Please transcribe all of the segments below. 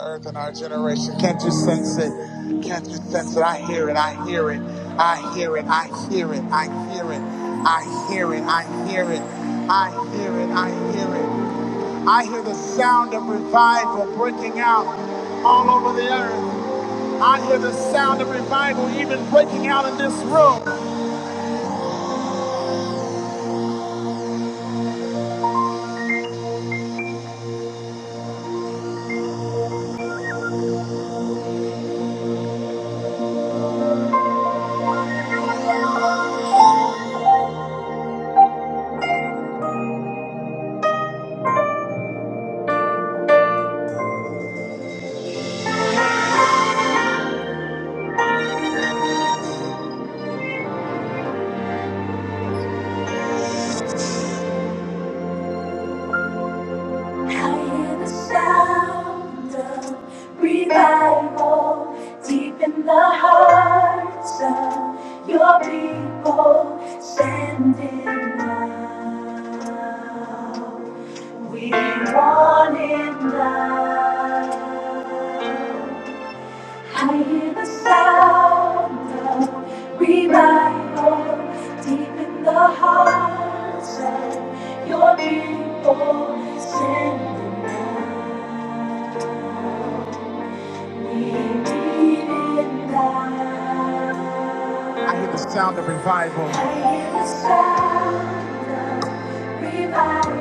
earth and our generation. Can't you sense it? Can't you sense it? I hear it. I hear it. I hear it. I hear it. I hear it. I hear it. I hear it. I hear it. I hear it. I hear the sound of revival breaking out all over the earth. I hear the sound of revival even breaking out in this room. I hear the sound of revival deep in the hearts of your people standing now. We want it now. I hear the sound of revival deep in the hearts of your people. Send them down. I hear the sound of revival. I hear the sound of revival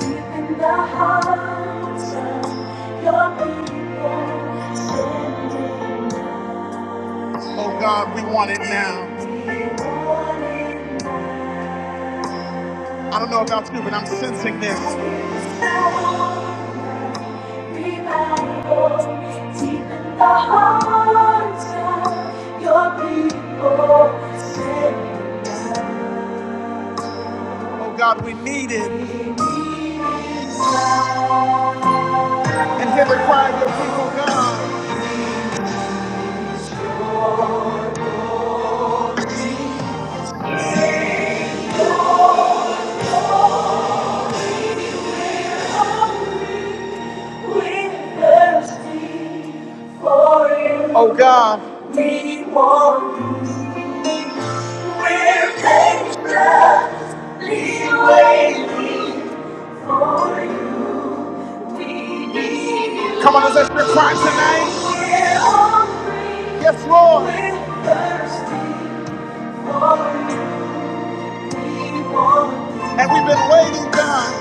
deep in the hearts of your people. Send it now. Oh God, we want it now. I don't know about you, but I'm sensing this. Oh God, we need it. And hear the cry of your people, God. Oh God, we want. you. Come on, is that your cry tonight? Yes, Lord. And we've been waiting, God.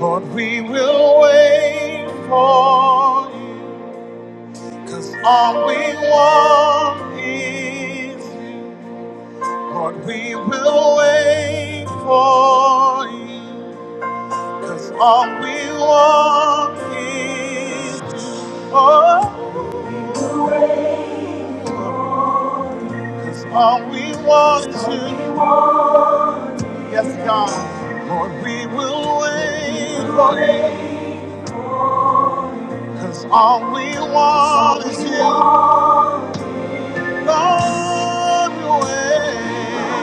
Lord, we will wait for you. Cause all we want is you. Lord, we will wait for you. Cause all we want is you. Oh, cause all we want is you. Yes, God. Lord, we will wait for you. Cause all we want is you. Lord, we wait.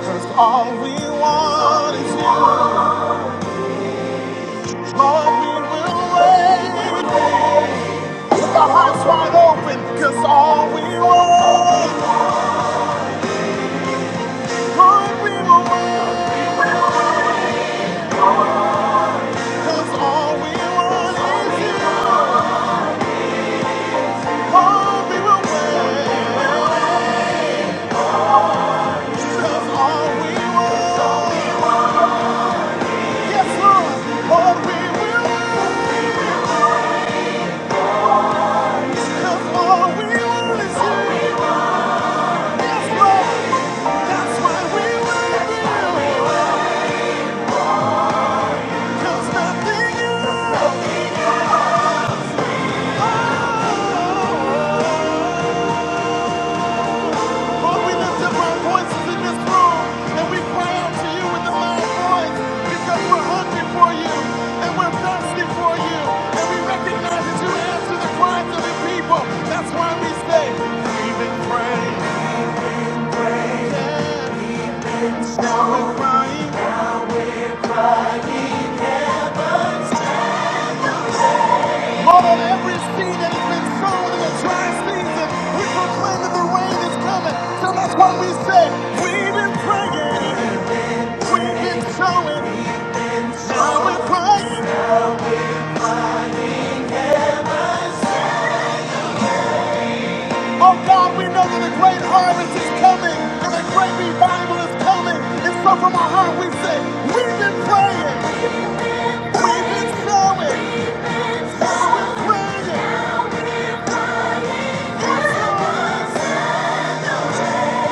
Cause all we want is you. Lord, we will wait. Keep our hearts wide open. Cause all we want, Lord, we will wait. Cause all we want is you. Lord, we will wait. Cause all we want, yes, Lord, Lord, we will wait. Cause all we want is you. Yes, Lord, that's why we will wait. 'Cause nothing you know. Lord, we lift up our voices in this room and we cry out to you with a loud voice because we're hungry for you and we're thirsty for you and we recognize that you answer the cries of the people. That's why we say, We've been praying. yes, Now we're crying. Lord, every seed that has been sown in the dry season, we proclaim that the rain is coming. So that's we say, We've been praying. We've been sowing, sowing praise. Oh God, we know that a great harvest is coming and a great revival is coming. And so from our heart we say, we've been praying, we've been sowing, sowing praise.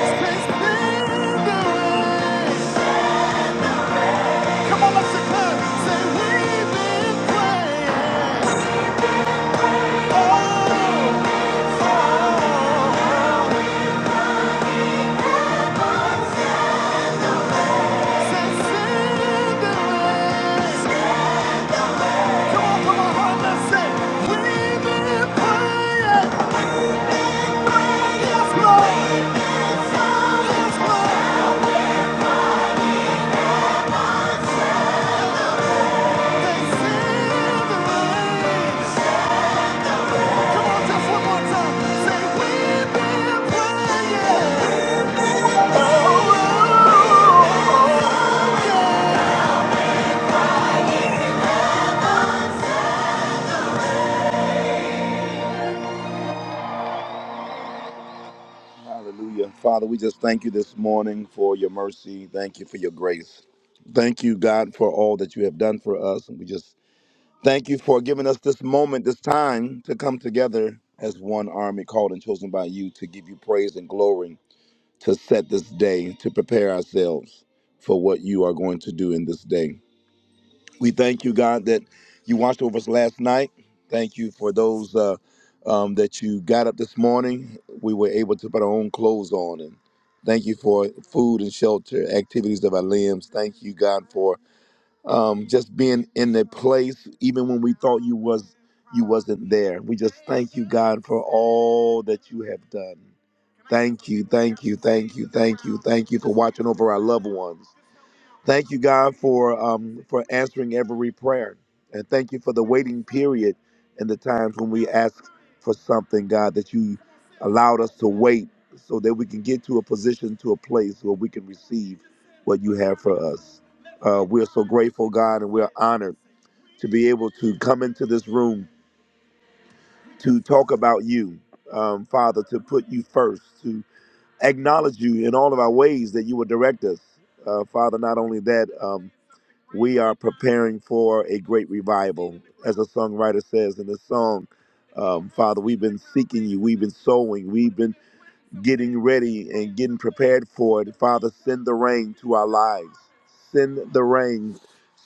God's been doing. Come on, let's declare. Say, we've been praying. Oh, oh, oh. Say, send the rain. Oh, yeah. Hallelujah. Father, we just thank you this morning for your mercy. Thank you for your grace. Thank you, God, for all that you have done for us. And we just Thank you for giving us this moment, this time to come together as one army called and chosen by you to give you praise and glory, to set this day, to prepare ourselves for what you are going to do in this day. We thank you, God, that you watched over us last night. Thank you for those uh, um, that you got up this morning. We were able to put our own clothes on. And thank you for food and shelter, activities of our limbs. Thank you, God, for um, just being in the place even when we thought you was you wasn't there. We just thank you, God, for all that you have done. Thank you, thank you, thank you, thank you, thank you for watching over our loved ones. Thank you, God, for um, for answering every prayer, and thank you for the waiting period and the times when we ask for something, God, that you allowed us to wait so that we can get to a position, to a place where we can receive what you have for us. Uh, we are so grateful, God, and we are honored to be able to come into this room to talk about you, um, Father, to put you first, to acknowledge you in all of our ways that you would direct us, uh, Father. Not only that. Um, we are preparing for a great revival. As the songwriter says in the song, um, Father, we've been seeking you, we've been sowing, we've been getting ready and getting prepared for it. Father, send the rain to our lives. Send the rain.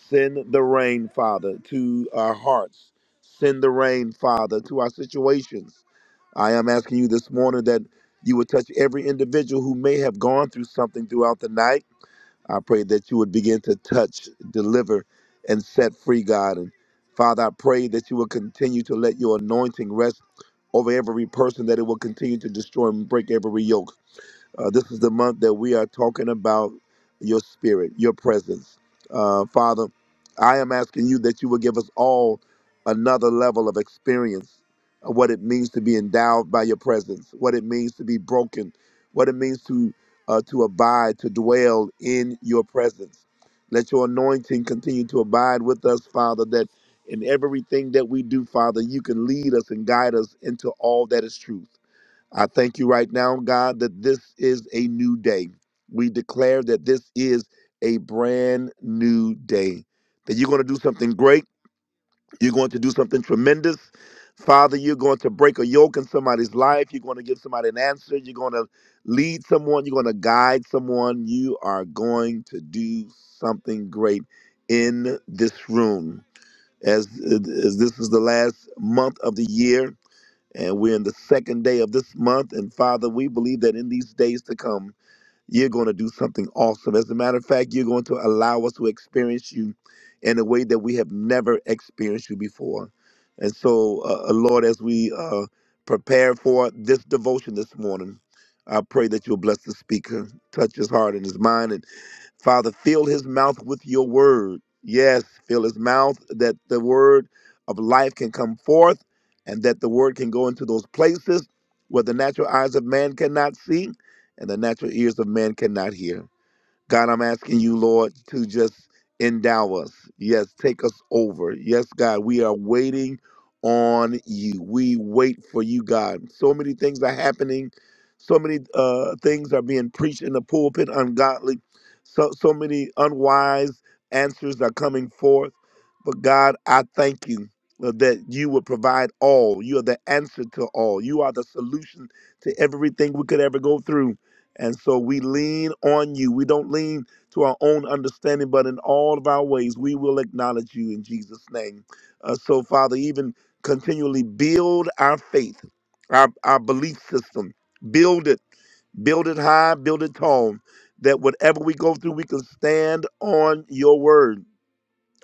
Send the rain, Father, to our hearts. Send the rain, Father, to our situations. I am asking you this morning that you would touch every individual who may have gone through something throughout the night I pray that you would begin to touch, deliver, and set free, God. And Father, I pray that you will continue to let your anointing rest over every person, that it will continue to destroy and break every yoke. Uh, this is the month that we are talking about your spirit, your presence. Uh, Father, I am asking you that you will give us all another level of experience of what it means to be endowed by your presence, what it means to be broken, what it means to uh, to abide, to dwell in your presence. Let your anointing continue to abide with us, Father, that in everything that we do, Father, you can lead us and guide us into all that is truth. I thank you right now, God, that this is a new day. We declare that this is a brand new day, that you're going to do something great. You're going to do something tremendous. Father, you're going to break a yoke in somebody's life. You're going to give somebody an answer. You're going to lead someone. You're going to guide someone. You are going to do something great in this room. As, as this is the last month of the year, and we're in the second day of this month. And Father, we believe that in these days to come, you're going to do something awesome. As a matter of fact, you're going to allow us to experience you in a way that we have never experienced you before. And so, uh, uh, Lord, as we uh, prepare for this devotion this morning, I pray that you'll bless the speaker, touch his heart and his mind, and. Father, fill his mouth with your word. Yes, fill his mouth that the word of life can come forth and that the word can go into those places where the natural eyes of man cannot see and the natural ears of man cannot hear. God, I'm asking you, Lord, to just endow us. Yes, take us over. Yes, God, we are waiting on you. We wait for you, God. So many things are happening. So many uh, things are being preached in the pulpit, ungodly. So, so many unwise answers are coming forth. But God, I thank you uh, that you will provide all. You are the answer to all. You are the solution to everything we could ever go through. And so we lean on you. We don't lean to our own understanding, but in all of our ways, we will acknowledge you in Jesus' name. Uh, so, Father, even continually build our faith, our, our belief system. Build it, build it high, build it tall, that whatever we go through, we can stand on your word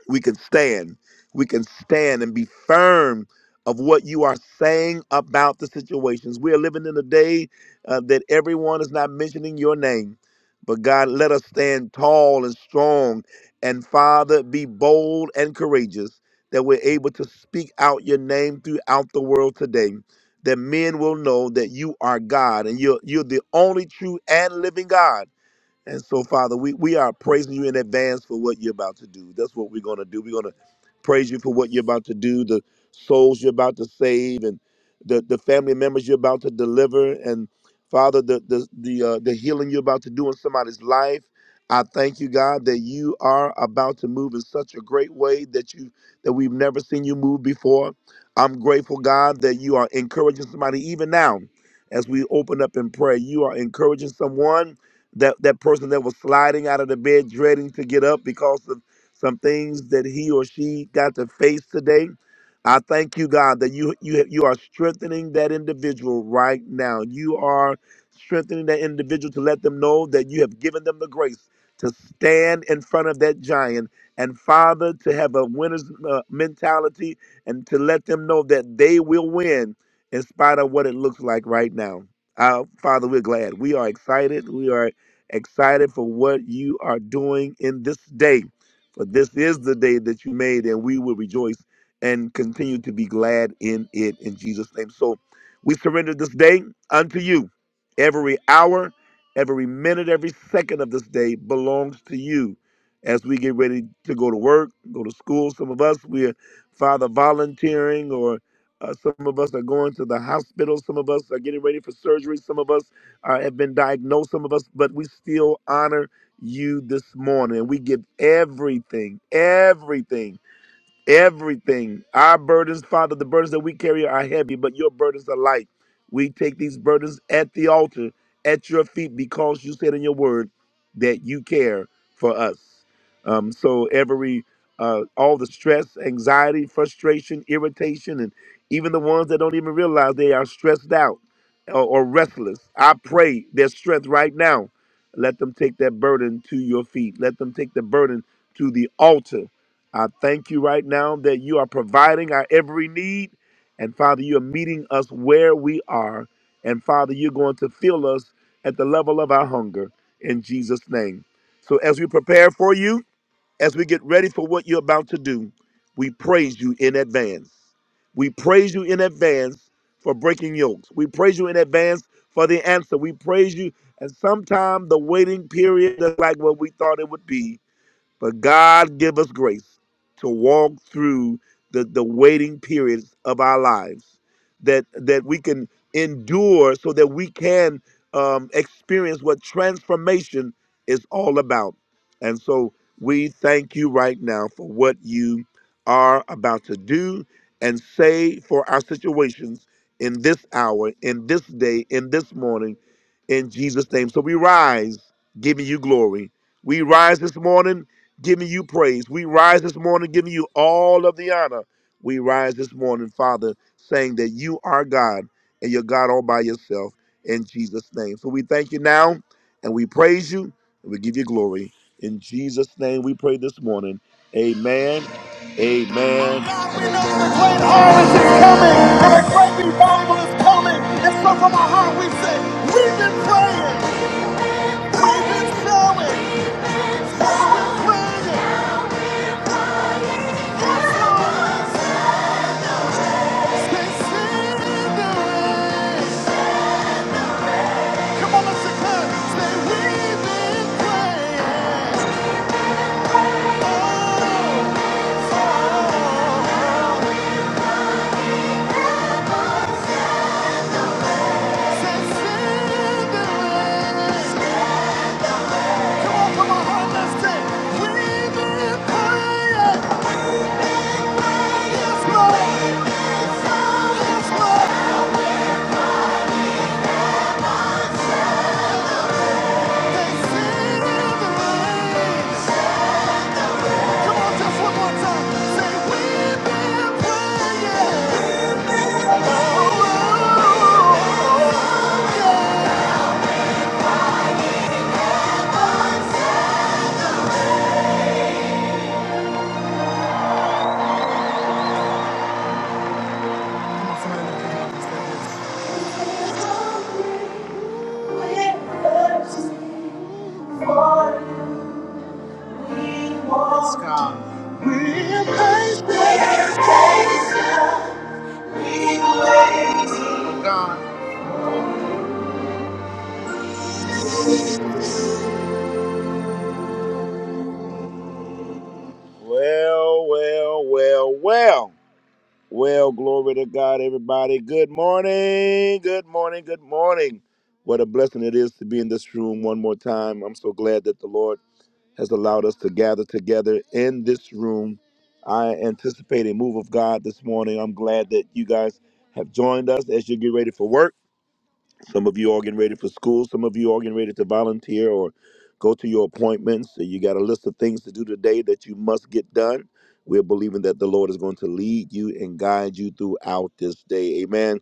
we can stand. We can stand and be firm of what you are saying about the situations. We are living in a day uh, that everyone is not mentioning your name. But God, let us stand tall and strong. And Father, be bold and courageous that we're able to speak out your name throughout the world today. That men will know that you are God and you're, you're the only true and living God. And so, Father, we, we are praising you in advance for what you're about to do. That's what we're going to do. We're going to praise you for what you're about to do, the souls you're about to save, and the, the family members you're about to deliver. And Father, the the the, uh, the healing you're about to do in somebody's life. I thank you, God, that you are about to move in such a great way that you that we've never seen you move before. I'm grateful, God, that you are encouraging somebody even now as we open up in prayer. You are encouraging someone that that person that was sliding out of the bed dreading to get up because of some things that he or she got to face today i thank you god that you you you are strengthening that individual right now you are strengthening that individual to let them know that you have given them the grace to stand in front of that giant and father to have a winner's uh, mentality and to let them know that they will win in spite of what it looks like right now uh, father we're glad we are excited we are excited for what you are doing in this day. For this is the day that you made, and we will rejoice and continue to be glad in it in Jesus' name. So we surrender this day unto you. Every hour, every minute, every second of this day belongs to you. As we get ready to go to work, go to school, some of us, we're Father volunteering or uh, some of us are going to the hospital. Some of us are getting ready for surgery. Some of us uh, have been diagnosed, some of us, but we still honor you this morning. And we give everything, everything. Everything. Our burdens, Father, the burdens that we carry are heavy, but your burdens are light. We take these burdens at the altar, at your feet, because you said in your word that you care for us. Um, so every uh, all the stress, anxiety, frustration, irritation, and even the ones that don't even realize they are stressed out or, or restless. I pray their strength right now. Let them take that burden to your feet. Let them take the burden to the altar I thank you right now that you are providing our every need. And Father, you are meeting us where we are. And Father, you're going to fill us at the level of our hunger in Jesus' name. So as we prepare for you, as we get ready for what you're about to do, we praise you in advance. We praise you in advance for breaking yokes. We praise you in advance for the answer. We praise you. And sometime the waiting period is like what we thought it would be but God give us grace to walk through the, the waiting periods of our lives that that we can endure so that we can um, experience what transformation is all about. And so we thank you right now for what you are about to do and say for our situations in this hour, in this day, in this morning, in Jesus' name. So we rise, giving you glory. We rise this morning giving you praise. We rise this morning giving you all of the honor. We rise this morning, Father, saying that you are God and you're God all by yourself in Jesus' name. So we thank you now and we praise you and we give you glory. In Jesus' name we pray this morning. Amen. Amen. God, we know the great harvest is coming and the great revival is coming. And so from our heart we say, we've been praying, we've been showing, we've been praying. Yes, Lord. They sit in the rain. Well, well, well, well. Well, glory to God, everybody. Good morning. Good morning. Good morning. What a blessing it is to be in this room one more time. I'm so glad that the Lord has allowed us to gather together in this room. I anticipate a move of God this morning. I'm glad that you guys have joined us as you get ready for work. Some of you are getting ready for school. Some of you are getting ready to volunteer or go to your appointments. So you got a list of things to do today that you must get done. We're believing that the Lord is going to lead you and guide you throughout this day. Amen.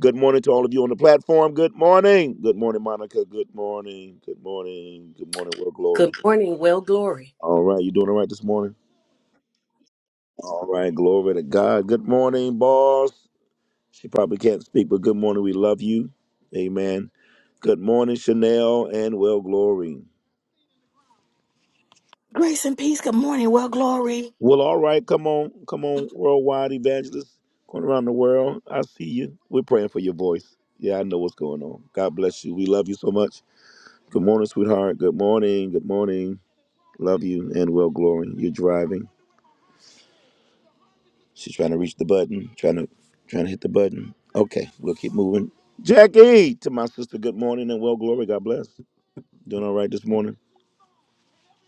Good morning to all of you on the platform. Good morning. Good morning, Monica. Good morning. Good morning. Good morning, world glory. Good morning, well glory. All right. You doing all right this morning? All right. Glory to God. Good morning, boss. She probably can't speak, but good morning. We love you. Amen. Good morning, Chanel and well glory. Grace and peace. Good morning. Well, glory. Well, all right. Come on, come on, worldwide evangelist, going around the world. I see you. We're praying for your voice. Yeah, I know what's going on. God bless you. We love you so much. Good morning, sweetheart. Good morning. Good morning. Love you and well glory. You're driving. She's trying to reach the button. Trying to, trying to hit the button. Okay, we'll keep moving. Jackie, to my sister. Good morning and well glory. God bless. Doing all right this morning.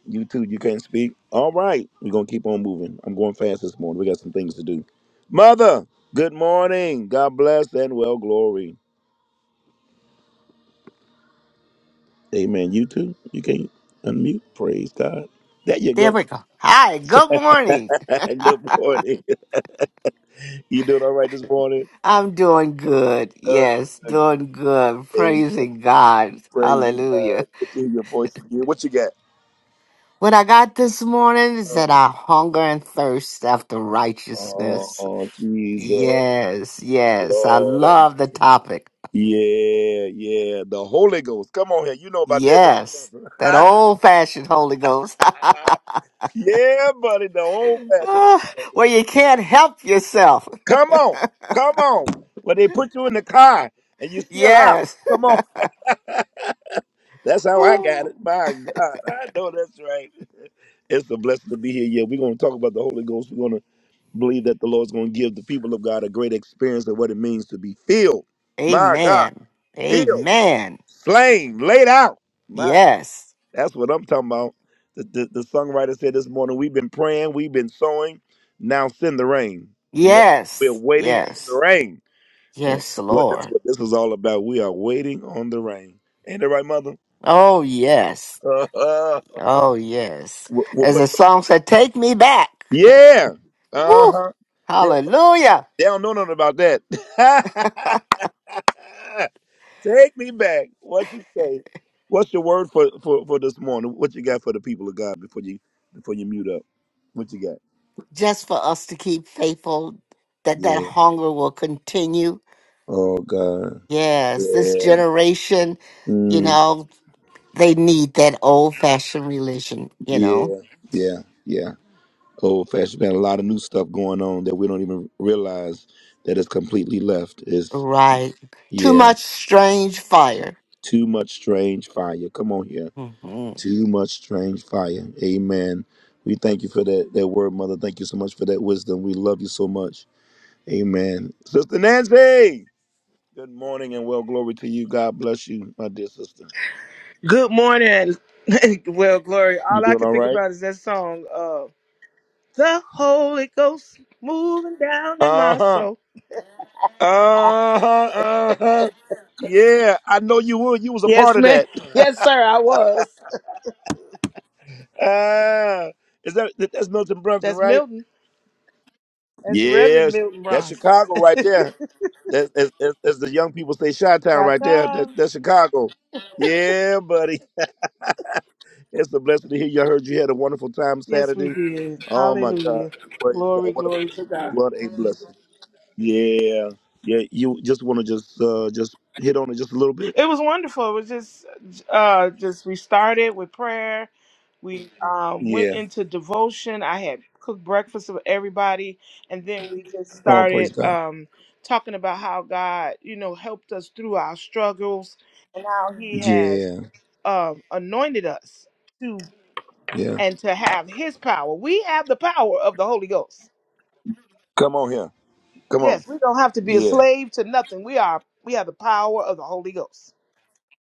You too. You can't speak. All right. We're going to keep on moving. I'm going fast this morning. We got some things to do. Mother, good morning. God bless and well glory. Amen. You too. You can't unmute. Praise God. There you There go. we go. Hi, good morning. good morning. you doing all right this morning? I'm doing good. Uh, Yes, uh, doing good. amen. Praising God. Praise God. Hallelujah. Good to hear your voice again. What you got? What I got this morning is Uh, that I hunger and thirst after oh, righteousness. oh, Jesus. Yes, yes. I Lord. I'm- love the topic. Yeah, yeah. The Holy Ghost. Come on here. You know about that, don't you, Yes, Mother? that old fashioned Holy Ghost Yeah, buddy, the old fashioned. Ah, where you can't help yourself. Come on, come on. Well, they put you in the car and you still out. Yes. Come on. That's how I got it. Ooh. My God, I know that's right. It's a blessing to be here. Yeah, we're going to talk about the Holy Ghost. We're going to believe that the Lord's going to give the people of God a great experience of what it means to be filled. My God, Amen. filled, Amen. slain, laid out. My. Yes. That's what I'm talking about. The, the, the songwriter said this morning, we've been praying, we've been sowing, now send the rain. Lord, we're Yes, waiting on the yes, rain. And yes, that's what that's Lord. what this is all about. We are waiting on the rain. Ain't that right, mother? Oh, yes, Uh-huh. oh, yes. What, what, As what's the song said, take me back. your- yeah. Woo, Uh-huh. They don't, hallelujah. they don't know nothing about that. Take me back. What you say? What's your word for, for, for this morning? What you got for the people of God before you before you mute up? What you got? Just for us to keep faithful, that that Yeah. hunger will continue. Oh God. Yes, this Yeah. generation, you Mm, know, they need that old fashioned religion, you know. yeah. Yeah. Yeah. Old fashioned man. A lot of new stuff going on that we don't even realize that is completely left. Is Right. Too yeah. much strange fire. Too much strange fire. Come on here. Mm-hmm. Too much strange fire. Amen. We thank you for that that word, mother. Thank you so much for that wisdom. We love you so much. Amen. Sister Nancy. Good morning and well glory to you. God bless you, my dear sister. Good morning. well, Glory, You all I doing can all think right? about is that song, uh, The Holy Ghost Moving Down in Uh My huh. Soul. Uh-huh, uh-huh. Yeah, I know you were. You was a Yes, part of ma'am. that. Yes, sir, I was. Ah, is that that- that's Milton Brunson, That's right? Milton. That's Reverend Yes, Milton that's Bronson. Chicago right there. That, as, as, as the young people say, Chi-Town right there. Ta-ta. That, that's Chicago. Yeah, buddy. It's a blessing to hear you. I heard you had a wonderful time Yes, we Saturday. did. Oh my God, Hallelujah. praise God! Glory, What a glory to blessing! God. What a blessing! Yeah, yeah. You just want to just uh just hit on it just a little bit. It was wonderful. It was just, uh, just we started with prayer. We um, went Yeah. into devotion. I had cooked breakfast for everybody, and then we just Oh, praise started God. um, talking about how God, you know, helped us through our struggles and how He has Yeah. um, anointed us to Yeah. and to have His power. We have the power of the Holy Ghost. Come on here. Come on. Yes, we don't have to be a Yeah. slave to nothing. We are. We have the power of the Holy Ghost.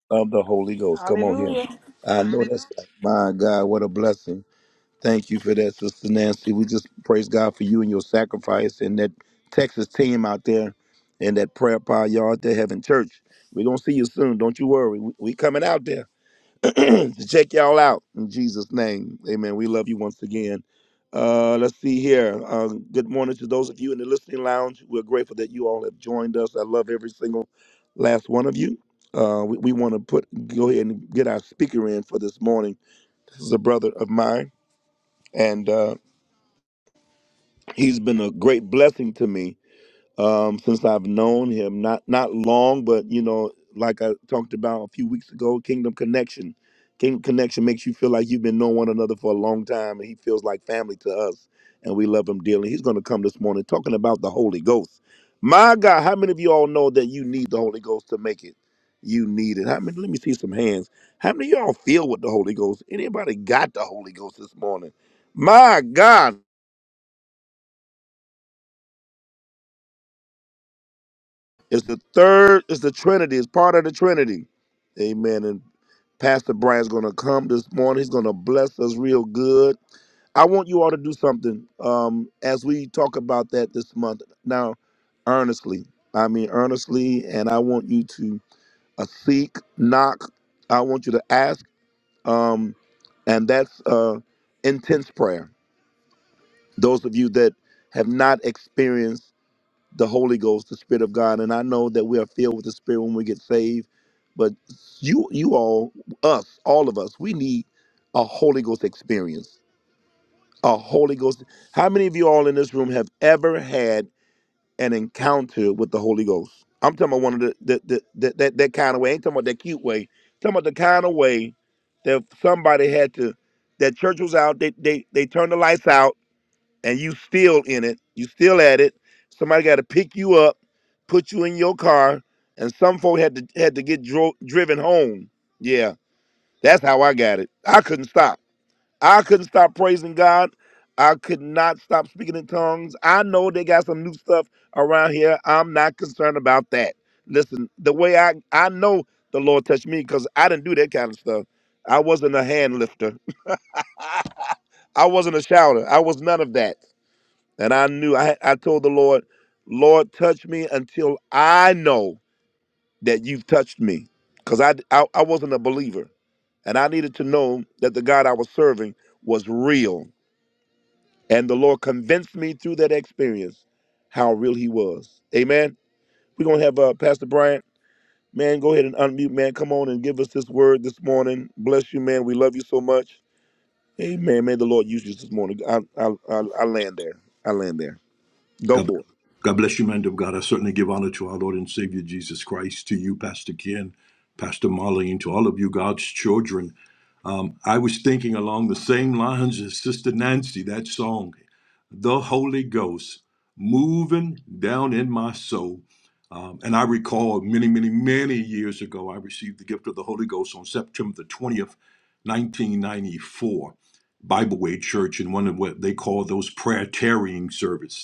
Of the Holy Ghost. Come on here. Hallelujah. I know that's right. My God, what a blessing. Thank you for that, Sister Nancy. We just praise God for you and your sacrifice and that Texas team out there and that prayer power y'all out there having church. We're going to see you soon. Don't you worry. We, we coming out there. to check y'all out in Jesus' name. Amen. We love you once again. Uh, let's see here. Uh, good morning to those of you in the listening lounge. We're grateful that you all have joined us. I love every single last one of you. Uh, we we want to put go ahead and get our speaker in for this morning. This is a brother of mine, and uh, he's been a great blessing to me um, since I've known him. Not not long, but you know, like I talked about a few weeks ago, Kingdom Connection. Kingdom Connection makes you feel like you've been knowing one another for a long time, and he feels like family to us, and we love him dearly. He's going to come this morning talking about the Holy Ghost. My God, how many of you all know that you need the Holy Ghost to make it? You need it. How many? Let me see some hands. How many of y'all feel with the Holy Ghost? Anybody got the Holy Ghost this morning? My God, It's the third, it's the Trinity, it's part of the Trinity. Amen. And Pastor Brian's gonna come this morning. He's gonna bless us real good. I want you all to do something um, as we talk about that this month. Now, earnestly, I mean earnestly, and I want you to uh, seek, knock. I want you to ask, um, and that's uh, intense prayer. Those of you that have not experienced the Holy Ghost, the Spirit of God. And I know that we are filled with the Spirit when we get saved, but you, you all, us, all of us, we need a Holy Ghost experience. A Holy Ghost. How many of you all in this room have ever had an encounter with the Holy Ghost? I'm talking about one of the, the, the, the that that kind of way. I ain't talking about that cute way. I'm talking about the kind of way that somebody had to. That church was out. They they they turned the lights out and you still in it, you still at it. Somebody got to pick you up, put you in your car, and some folk had to had to get dro- driven home. Yeah, that's how I got it. I couldn't stop. I couldn't stop praising God. I could not stop speaking in tongues. I know they got some new stuff around here. I'm not concerned about that. Listen, the way I I know the Lord touched me because I didn't do that kind of stuff. I wasn't a hand lifter. I wasn't a shouter. I was none of that. And I knew I I told the Lord, Lord, touch me until I know that you've touched me, because I, I I wasn't a believer, and I needed to know that the God I was serving was real. And the Lord convinced me through that experience how real He was. Amen. We're gonna have uh, Pastor Bryant. Man, go ahead and unmute, man. Come on and give us this word this morning. Bless you, man. We love you so much. Amen. May the Lord use you this morning. I I I, I land there. I land there. Go God, for bless, it. God bless you, man of God. I certainly give honor to our Lord and Savior Jesus Christ, to you, Pastor Ken, Pastor Marlene, to all of you, God's children. Um, I was thinking along the same lines as Sister Nancy, that song, The Holy Ghost, moving down in my soul. Um, and I recall many, many, many years ago, I received the gift of the Holy Ghost on September the 20th, 1994, Bible Way Church, in one of what they call those prayer tarrying service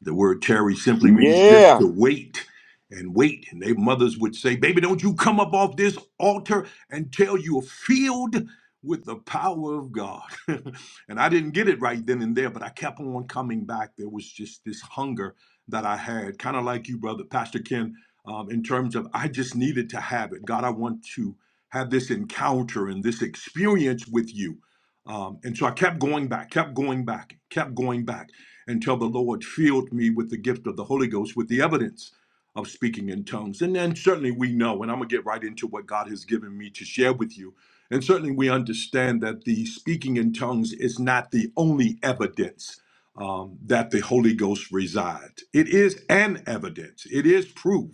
the word tarry simply means just Yeah. to wait and wait. And their mothers would say, Baby, don't you come up off this altar until you're filled with the power of God. and I didn't get it right then and there, but I kept on coming back. There was just this hunger that I had, kind of like you, brother, Pastor Ken, um, in terms of I just needed to have it. God, I want to have this encounter and this experience with you. Um, and so I kept going back, kept going back, kept going back until the Lord filled me with the gift of the Holy Ghost with the evidence of speaking in tongues. And then certainly we know, and I'm going to get right into what God has given me to share with you. And certainly we understand that the speaking in tongues is not the only evidence um, that the Holy Ghost resides. It is an evidence, it is proof.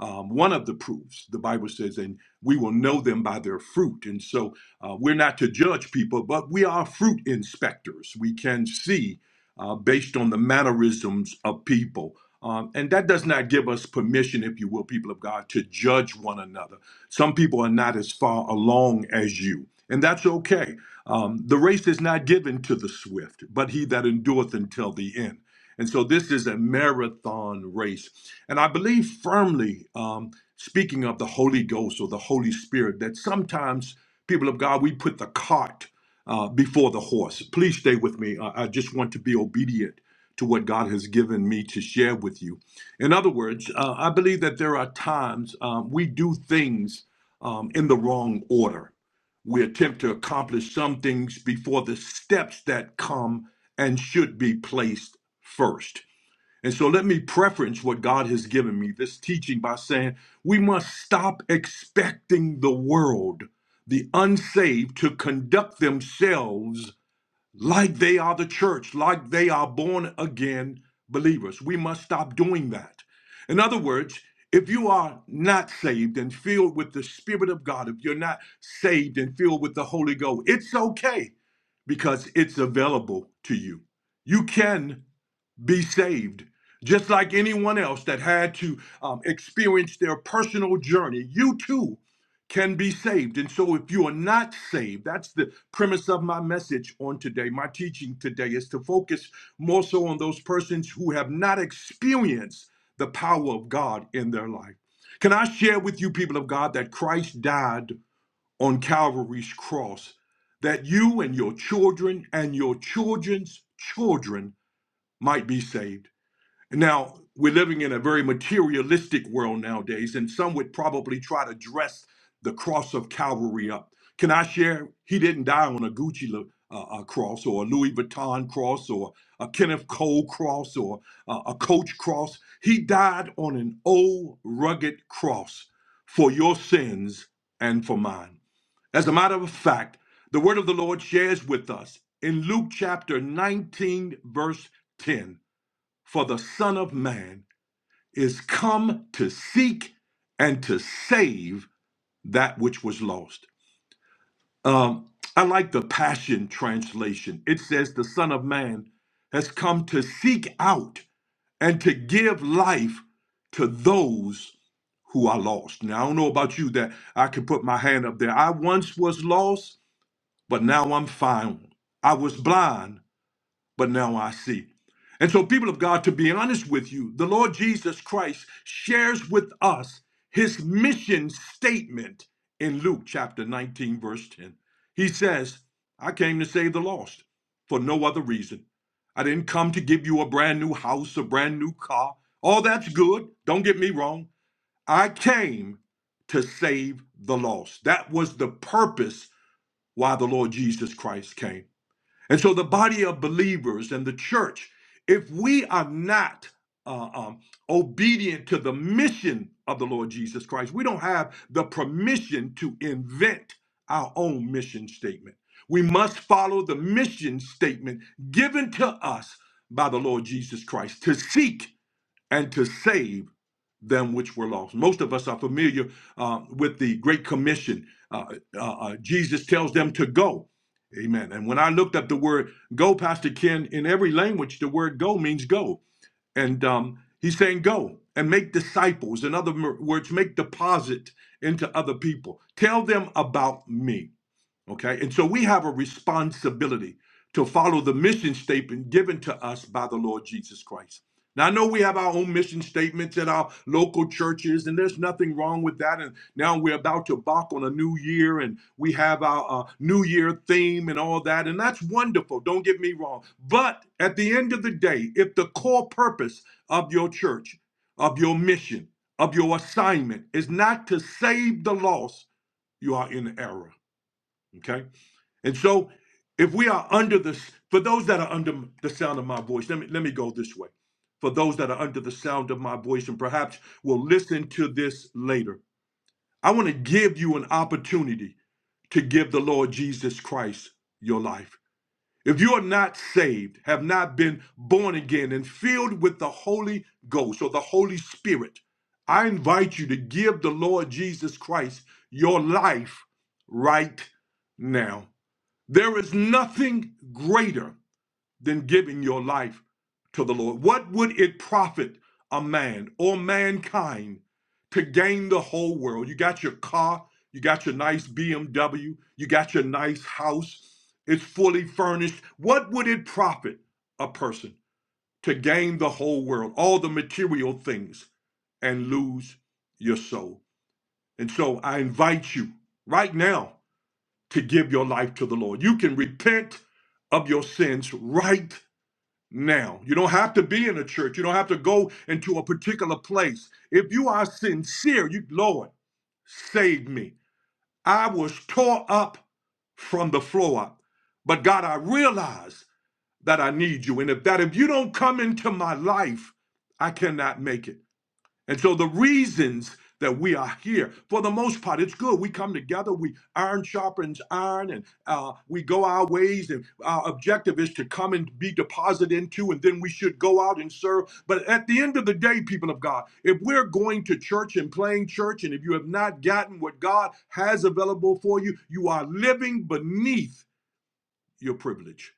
Um, one of the proofs, the Bible says, and we will know them by their fruit. And so uh, we're not to judge people, but we are fruit inspectors. We can see uh, based on the mannerisms of people. Um, and that does not give us permission, if you will, people of God, to judge one another. Some people are not as far along as you, and that's okay. Um, the race is not given to the swift, but he that endureth until the end. And so this is a marathon race. And I believe firmly, um, speaking of the Holy Ghost or the Holy Spirit, that sometimes people of God, we put the cart uh, before the horse. Please stay with me. I, I just want to be obedient to what God has given me to share with you. In other words, uh, I believe that there are times um, we do things um, in the wrong order. We attempt to accomplish some things before the steps that come and should be placed first. And so let me preference what God has given me, this teaching, by saying we must stop expecting the world, the unsaved, to conduct themselves like they are the church, like they are born again believers. We must stop doing that. In other words, if you are not saved and filled with the Spirit of God, if you're not saved and filled with the Holy Ghost, it's okay because it's available to you. You can be saved. Just like anyone else that had to um, experience their personal journey, you too can be saved. And so, if you are not saved, that's the premise of my message on today. My teaching today is to focus more so on those persons who have not experienced the power of God in their life. Can I share with you, people of God, that Christ died on Calvary's cross, that you and your children and your children's children might be saved? Now, we're living in a very materialistic world nowadays, and some would probably try to dress the cross of Calvary up. Can I share? He didn't die on a Gucci lo- uh, uh, cross or a Louis Vuitton cross or a Kenneth Cole cross or uh, a Coach cross. He died on an old rugged cross for your sins and for mine. As a matter of fact, the word of the Lord shares with us in Luke chapter 19, verse 10 for the Son of Man is come to seek and to save that which was lost. Um, I like the Passion Translation. It says, The Son of Man has come to seek out and to give life to those who are lost. Now, I don't know about you that I can put my hand up there. I once was lost, but now I'm found. I was blind but now I see. And so, people of God, to be honest with you, the Lord Jesus Christ shares with us his mission statement in Luke chapter 19, verse 10. He says, I came to save the lost for no other reason. I didn't come to give you a brand new house, a brand new car. All that's good. Don't get me wrong. I came to save the lost. That was the purpose why the Lord Jesus Christ came. And so, the body of believers and the church, if we are not uh, um, obedient to the mission of the Lord Jesus Christ, we don't have the permission to invent our own mission statement. We must follow the mission statement given to us by the Lord Jesus Christ to seek and to save them which were lost. Most of us are familiar uh, with the Great Commission. Uh, uh, uh, Jesus tells them to go. Amen. And when I looked up the word go, Pastor Ken, in every language, the word go means go. And um, he's saying go and make disciples. In other words, make deposit into other people. Tell them about me. Okay. And so we have a responsibility to follow the mission statement given to us by the Lord Jesus Christ. Now, I know we have our own mission statements at our local churches, and there's nothing wrong with that. And now we're about to embark on a new year, and we have our uh, new year theme and all that. And that's wonderful. Don't get me wrong. But at the end of the day, if the core purpose of your church, of your mission, of your assignment is not to save the lost, you are in error. Okay? And so, if we are under the, for those that are under the sound of my voice, let me let me go this way. For those that are under the sound of my voice, and perhaps will listen to this later, I want to give you an opportunity to give the Lord Jesus Christ your life. If you are not saved, have not been born again, and filled with the Holy Ghost or the Holy Spirit, I invite you to give the Lord Jesus Christ your life right now. There is nothing greater than giving your life to the Lord. What would it profit a man or mankind to gain the whole world? You got your car, you got your nice BMW, you got your nice house, it's fully furnished. What would it profit a person to gain the whole world, all the material things, and lose your soul? And so I invite you right now to give your life to the Lord. You can repent of your sins right now. You don't have to be in a church. You don't have to go into a particular place. If you are sincere, you Lord, save me. I was tore up from the floor up. But God, I realize that I need you. And if that if you don't come into my life, I cannot make it. And so the reasons that we are here, for the most part, it's good. We come together, we iron sharpens iron, and uh, we go our ways. And our objective is to come and be deposited into, and then we should go out and serve. But at the end of the day, people of God, if we're going to church and playing church, and if you have not gotten what God has available for you, you are living beneath your privilege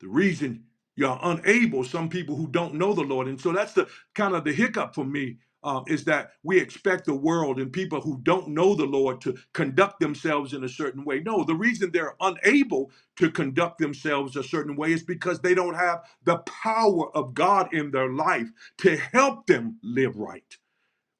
the reason you're unable some people who don't know the lord and so that's the kind of the hiccup for me uh, is that we expect the world and people who don't know the lord to conduct themselves in a certain way no the reason they're unable to conduct themselves a certain way is because they don't have the power of god in their life to help them live right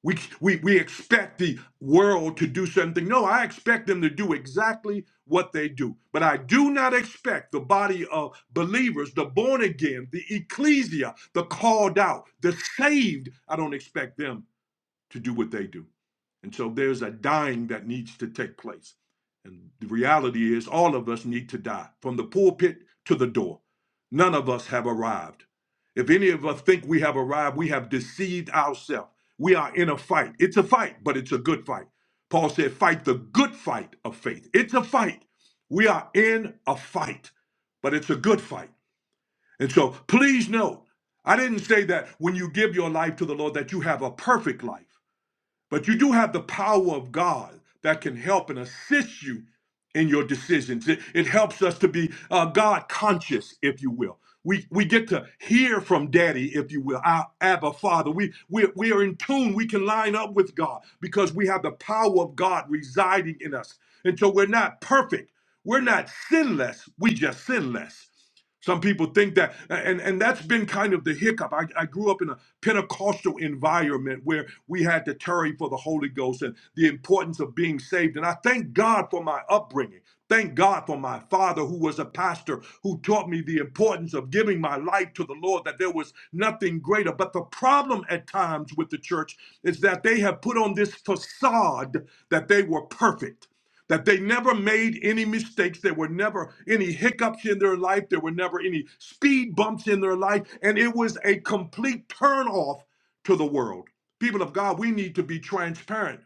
we, we, we expect the world to do something. No, I expect them to do exactly what they do. But I do not expect the body of believers, the born again, the ecclesia, the called out, the saved, I don't expect them to do what they do. And so there's a dying that needs to take place. And the reality is, all of us need to die from the pulpit to the door. None of us have arrived. If any of us think we have arrived, we have deceived ourselves. We are in a fight. It's a fight, but it's a good fight. Paul said, Fight the good fight of faith. It's a fight. We are in a fight, but it's a good fight. And so please know, I didn't say that when you give your life to the Lord that you have a perfect life. But you do have the power of God that can help and assist you in your decisions. It, it helps us to be uh, God conscious, if you will. We, we get to hear from Daddy, if you will, our Abba Father. We, we, we are in tune. We can line up with God because we have the power of God residing in us. And so we're not perfect. We're not sinless. We just sin less. Some people think that, and, and that's been kind of the hiccup. I, I grew up in a Pentecostal environment where we had to tarry for the Holy Ghost and the importance of being saved. And I thank God for my upbringing. Thank God for my father, who was a pastor, who taught me the importance of giving my life to the Lord, that there was nothing greater. But the problem at times with the church is that they have put on this facade that they were perfect that they never made any mistakes. There were never any hiccups in their life. There were never any speed bumps in their life. And it was a complete turn off to the world. People of God, we need to be transparent.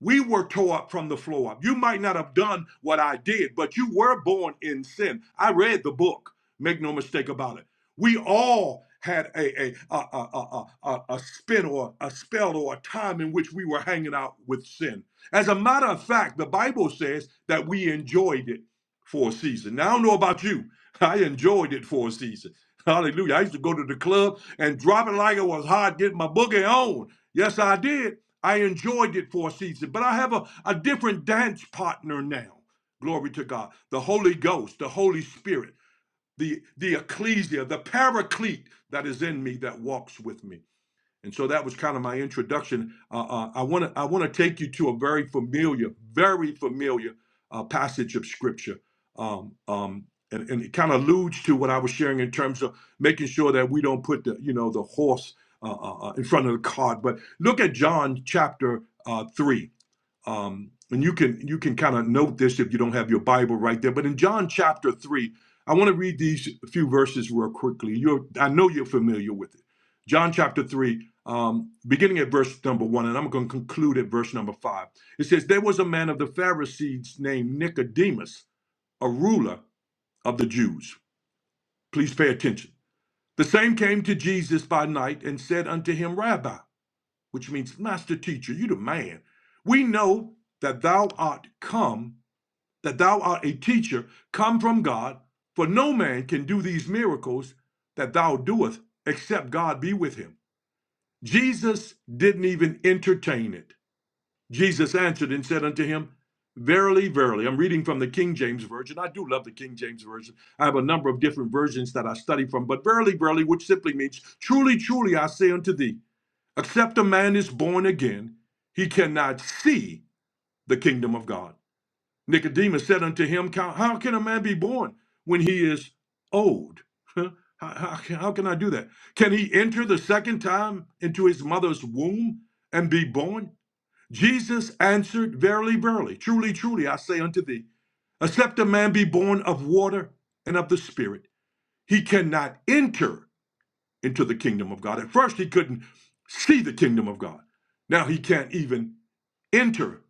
We were tore up from the floor up. You might not have done what I did, but you were born in sin. I read the book. Make no mistake about it. We all had a a a a a, a, a spin or a spell or a time in which we were hanging out with sin. As a matter of fact, the Bible says that we enjoyed it for a season. Now I don't know about you. I enjoyed it for a season. Hallelujah. I used to go to the club and drop it like it was hot, get my boogie on. Yes, I did. I enjoyed it for a season, but I have a, a different dance partner now. Glory to God. The Holy Ghost, the Holy Spirit, the, the ecclesia, the paraclete that is in me that walks with me. And so that was kind of my introduction. Uh, uh, I want to I want to take you to a very familiar, very familiar uh, passage of scripture, um, um, and, and it kind of alludes to what I was sharing in terms of making sure that we don't put the you know the horse uh, uh, uh, in front of the cart. But look at John chapter uh, three um, and you can you can kind of note this if you don't have your Bible right there. But in John chapter three, I want to read these few verses real quickly. You're I know you're familiar with it. John chapter three, um, beginning at verse number one, and I'm going to conclude at verse number five. It says, "There was a man of the Pharisees named Nicodemus, a ruler of the Jews." Please pay attention. The same came to Jesus by night and said unto him, Rabbi which means master teacher, you the man. We know that thou art come, that thou art a teacher come from God, for no man can do these miracles that thou doest except God be with him. Jesus didn't even entertain it. Jesus answered and said unto him, Verily, verily, I'm reading from the King James Version. I do love the King James Version. I have a number of different versions that I study from, but verily, verily, which simply means, Truly, truly, I say unto thee, Except a man is born again, he cannot see the kingdom of God. Nicodemus said unto him, How can a man be born when he is old? How, how, how can I do that? Can he enter the second time into his mother's womb and be born? Jesus answered, Verily, verily, truly, truly, I say unto thee, except a man be born of water and of the Spirit, he cannot enter into the kingdom of God. At first, he couldn't see the kingdom of God. Now he can't even enter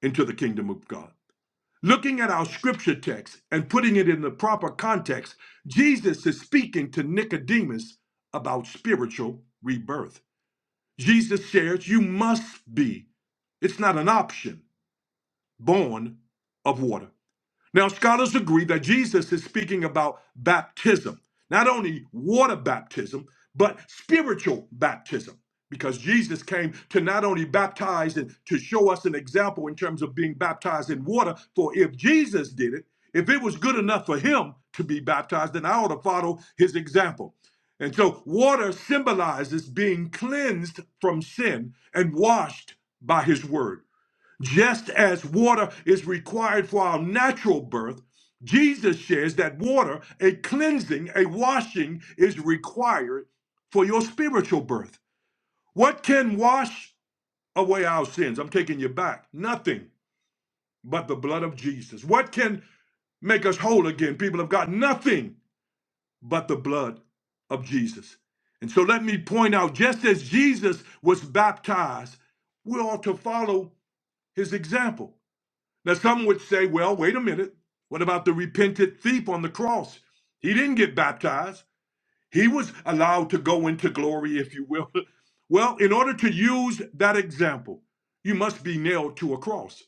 into the kingdom of God. Looking at our scripture text and putting it in the proper context, Jesus is speaking to Nicodemus about spiritual rebirth. Jesus shares, You must be, it's not an option, born of water. Now, scholars agree that Jesus is speaking about baptism, not only water baptism, but spiritual baptism, because Jesus came to not only baptize and to show us an example in terms of being baptized in water. For if Jesus did it, if it was good enough for him to be baptized, then I ought to follow his example. And so, water symbolizes being cleansed from sin and washed by his word. Just as water is required for our natural birth, Jesus shares that water, a cleansing, a washing, is required for your spiritual birth. What can wash away our sins? I'm taking you back. Nothing but the blood of Jesus. What can make us whole again? People have got nothing but the blood of Jesus. And so let me point out just as Jesus was baptized, we ought to follow his example. Now, some would say, well, wait a minute. What about the repentant thief on the cross? He didn't get baptized, he was allowed to go into glory, if you will. well, in order to use that example, you must be nailed to a cross.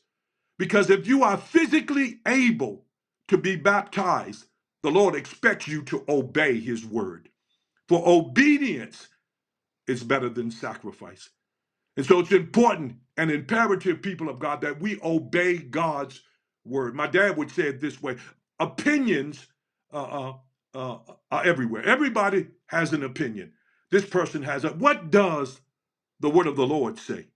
Because if you are physically able to be baptized, the Lord expects you to obey his word. For obedience is better than sacrifice. And so it's important and imperative, people of God, that we obey God's word. My dad would say it this way opinions uh, uh, uh, are everywhere. Everybody has an opinion. This person has a. What does the word of the Lord say?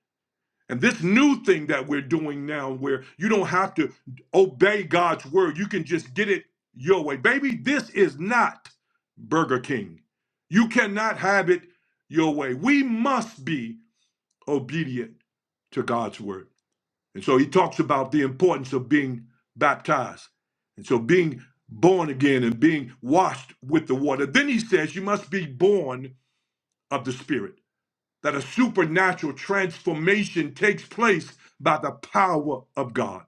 And this new thing that we're doing now, where you don't have to obey God's word, you can just get it your way. Baby, this is not Burger King. You cannot have it your way. We must be obedient to God's word. And so he talks about the importance of being baptized. And so being born again and being washed with the water. Then he says you must be born of the Spirit, that a supernatural transformation takes place by the power of God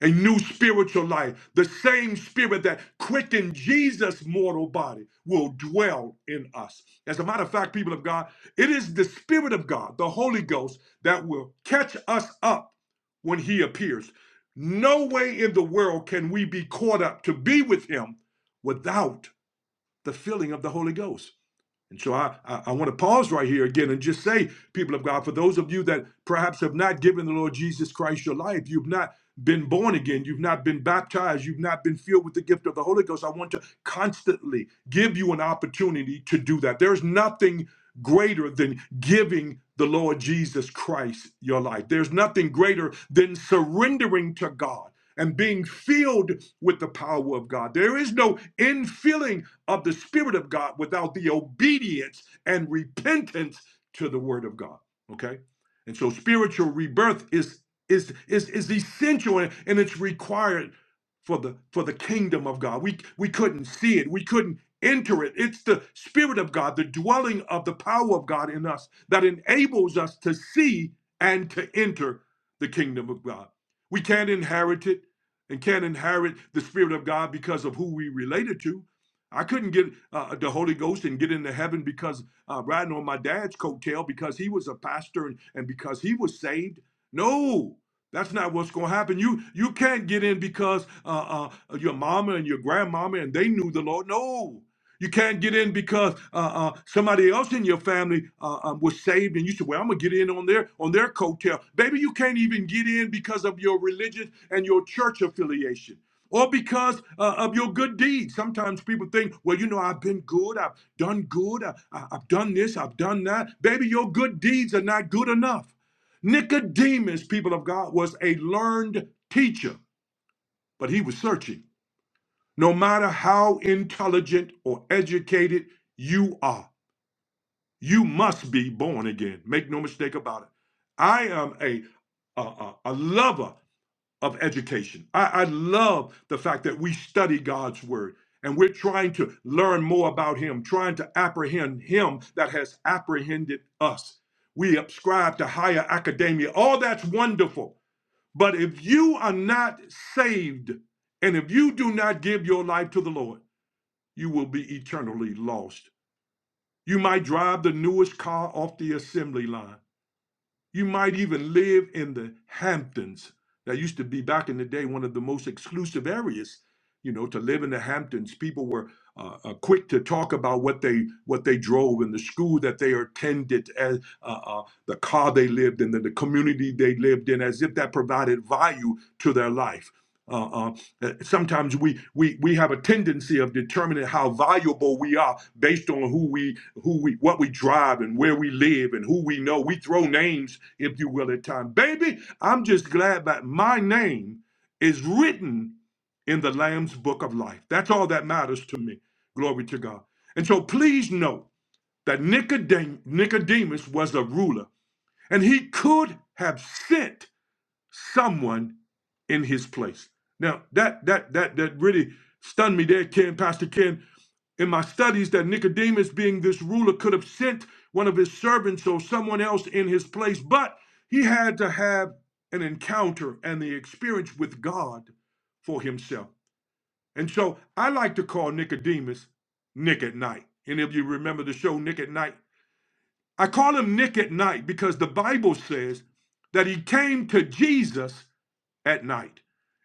a new spiritual life. The same spirit that quickened Jesus' mortal body will dwell in us. As a matter of fact, people of God, it is the spirit of God, the Holy Ghost, that will catch us up when he appears. No way in the world can we be caught up to be with him without the filling of the Holy Ghost. And so I, I, I want to pause right here again and just say, people of God, for those of you that perhaps have not given the Lord Jesus Christ your life, you've not been born again, you've not been baptized, you've not been filled with the gift of the Holy Ghost, I want to constantly give you an opportunity to do that. There's nothing greater than giving the Lord Jesus Christ your life, there's nothing greater than surrendering to God. And being filled with the power of God. There is no infilling of the Spirit of God without the obedience and repentance to the Word of God. Okay? And so spiritual rebirth is is is, is essential and, and it's required for the for the kingdom of God. We we couldn't see it. We couldn't enter it. It's the spirit of God, the dwelling of the power of God in us that enables us to see and to enter the kingdom of God. We can't inherit it and can't inherit the spirit of God because of who we related to. I couldn't get uh, the Holy Ghost and get into heaven because uh, riding on my dad's coattail because he was a pastor and, and because he was saved. No, that's not what's going to happen. You you can't get in because uh, uh, your mama and your grandmama and they knew the Lord. No, you can't get in because uh, uh, somebody else in your family uh, um, was saved and you said, "Well, I'm gonna get in on their on their coattail." Baby, you can't even get in because of your religion and your church affiliation or because uh, of your good deeds. Sometimes people think, well, you know, I've been good, I've done good, I, I- I've done this, I've done that. Baby, your good deeds are not good enough. Nicodemus, people of God, was a learned teacher, but he was searching. No matter how intelligent or educated you are, you must be born again. Make no mistake about it. I am a, a, a a lover of education. I, I love the fact that we study God's word and we're trying to learn more about Him, trying to apprehend Him that has apprehended us. We ascribe to higher academia. All that's wonderful. But if you are not saved and if you do not give your life to the Lord, you will be eternally lost. You might drive the newest car off the assembly line. You might even live in the Hamptons. That used to be back in the day one of the most exclusive areas. You know, to live in the Hamptons, people were uh, uh, quick to talk about what they what they drove and the school that they attended, as uh, uh, the car they lived in, the, the community they lived in, as if that provided value to their life uh, uh, eh, sometimes we, we we have a tendency of determining how valuable we are based on who we who we what we drive and where we live and who we know. We throw names, if you will, at times. Baby, I'm just glad that my name is written in the Lamb's Book of Life. That's all that matters to me. Glory to God. And so please note that Nicodem- Nicodemus was a ruler, and he could have sent someone in his place. Now that that that that really stunned me there, Ken, Pastor Ken. In my studies, that Nicodemus, being this ruler, could have sent one of his servants or someone else in his place, but he had to have an encounter and the experience with God for himself. And so I like to call Nicodemus Nick at night. Any of you remember the show Nick at Night? I call him Nick at night because the Bible says that he came to Jesus at night.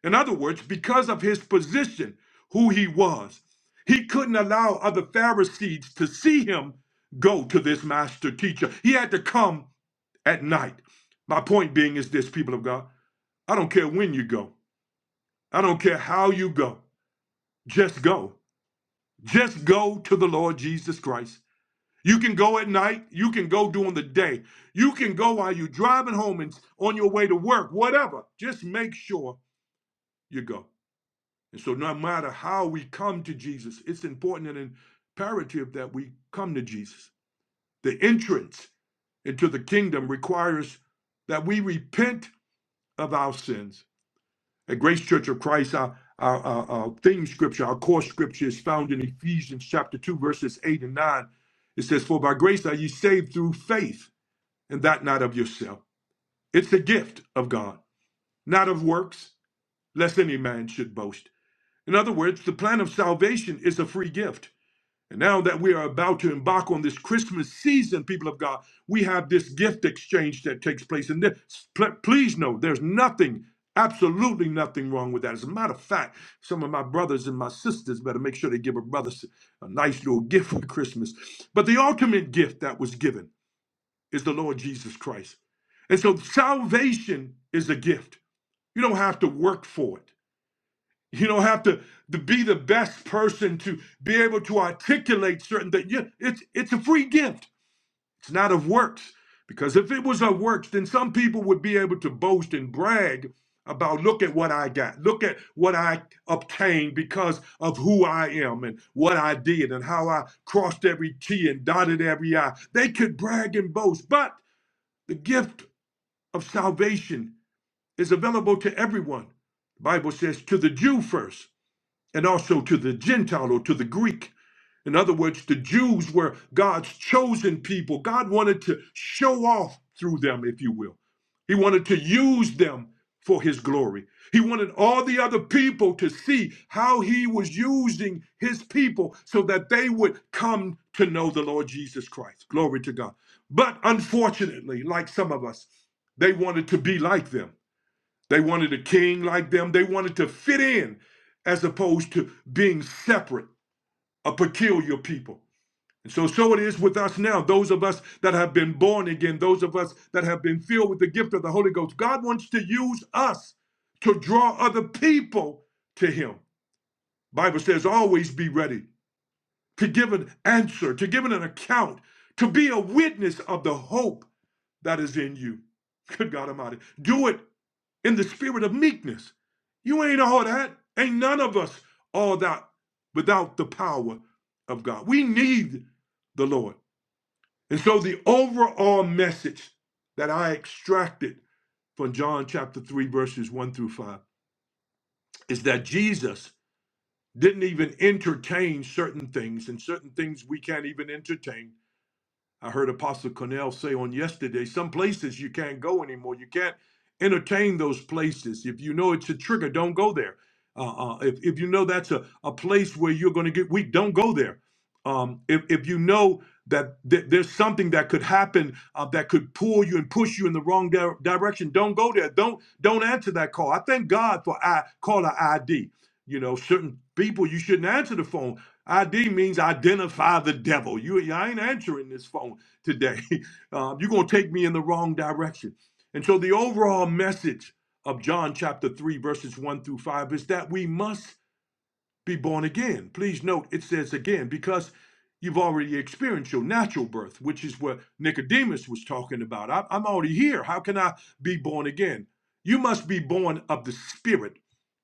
In other words, because of his position, who he was, he couldn't allow other Pharisees to see him go to this master teacher. He had to come at night. My point being is this, people of God, I don't care when you go, I don't care how you go, just go. Just go to the Lord Jesus Christ. You can go at night, you can go during the day, you can go while you're driving home and on your way to work, whatever. Just make sure you go. And so, no matter how we come to Jesus, it's important and imperative that we come to Jesus. The entrance into the kingdom requires that we repent of our sins. At Grace Church of Christ, our, our, our, our theme scripture, our core scripture is found in Ephesians chapter 2, verses 8 and 9. It says, For by grace are ye saved through faith, and that not of yourself. It's the gift of God, not of works, lest any man should boast. In other words, the plan of salvation is a free gift. And now that we are about to embark on this Christmas season, people of God, we have this gift exchange that takes place. And this, please know there's nothing, absolutely nothing wrong with that. As a matter of fact, some of my brothers and my sisters better make sure they give a brother a nice little gift for Christmas. But the ultimate gift that was given is the Lord Jesus Christ. And so salvation is a gift, you don't have to work for it. You don't have to, to be the best person to be able to articulate certain things. You- It's, it's a free gift. It's not of works. Because if it was of works, then some people would be able to boast and brag about, look at what I got, look at what I obtained because of who I am and what I did and how I crossed every T and dotted every I. They could brag and boast, but the gift of salvation is available to everyone. The Bible says, to the Jew first and also to the Gentile or to the Greek. In other words, the Jews were God's chosen people. God wanted to show off through them, if you will. He wanted to use them for his glory. He wanted all the other people to see how he was using his people so that they would come to know the Lord Jesus Christ. Glory to God. But unfortunately, like some of us, they wanted to be like them. They wanted a king like them. They wanted to fit in as opposed to being separate, a peculiar people. And so, so it is with us now, those of us that have been born again, those of us that have been filled with the gift of the Holy Ghost. God wants to use us to draw other people to Him. Bible says, always be ready to give an answer, to give an account, to be a witness of the hope that is in you. Good God Almighty. Do it in the spirit of meekness. You ain't all that. Ain't none of us all that without the power of God. We need the Lord. And so the overall message that I extracted from John chapter 3, verses 1 through 5 is that Jesus didn't even entertain certain things, and certain things we can't even entertain I heard Apostle Cornell say on yesterday some places you can't go anymore. You can't entertain those places. If you know it's a trigger, don't go there. Uh, uh, if, if you know that's a, a place where you're going to get weak, don't go there. Um, if, if you know that th- there's something that could happen uh, that could pull you and push you in the wrong di- direction, don't go there. Don't don't answer that call. I thank God for I caller ID. You know, certain people you shouldn't answer the phone. ID means identify the devil. You, yeah, I ain't answering this phone today. Uh, you're going to take me in the wrong direction. And so, the overall message of John chapter 3, verses 1 through 5 is that we must be born again. Please note it says again, because you've already experienced your natural birth, which is what Nicodemus was talking about. I, I'm already here. How can I be born again? You must be born of the Spirit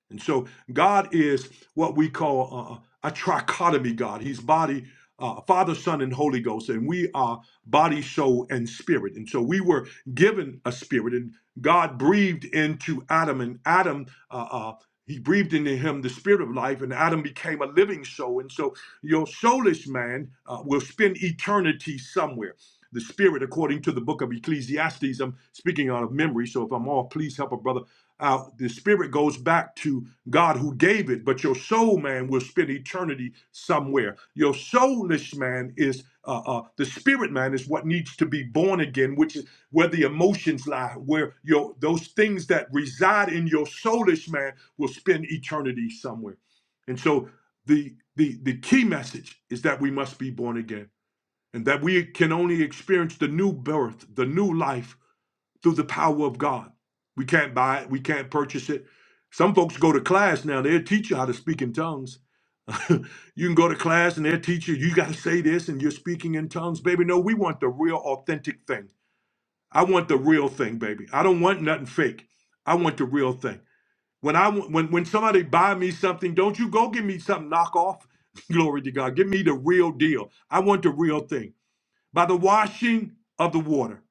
and so God is what we call uh, a trichotomy God. He's body, uh, Father, Son, and Holy Ghost, and we are body, soul, and spirit. And so we were given a spirit, and God breathed into Adam, and Adam. Uh, uh, he breathed into him the spirit of life, and Adam became a living soul. And so, your soulless man uh, will spend eternity somewhere. The spirit, according to the book of Ecclesiastes, I'm speaking out of memory, so if I'm off, please help a brother out, the spirit goes back to God who gave it, but your soul man will spend eternity somewhere. Your soulish man is uh, uh, the spirit man is what needs to be born again, which is where the emotions lie, where your those things that reside in your soulish man will spend eternity somewhere. And so the the the key message is that we must be born again, and that we can only experience the new birth, the new life through the power of God. We can't buy it, we can't purchase it. Some folks go to class now, they'll teach you how to speak in tongues. you can go to class and they'll teach you, you got to say this and you're speaking in tongues. Baby, no, we want the real, authentic thing. I want the real thing, baby. I don't want nothing fake. I want the real thing. When I when when somebody buy me something, don't you go give me something knockoff. Glory to God. Give me the real deal. I want the real thing. By the washing of the water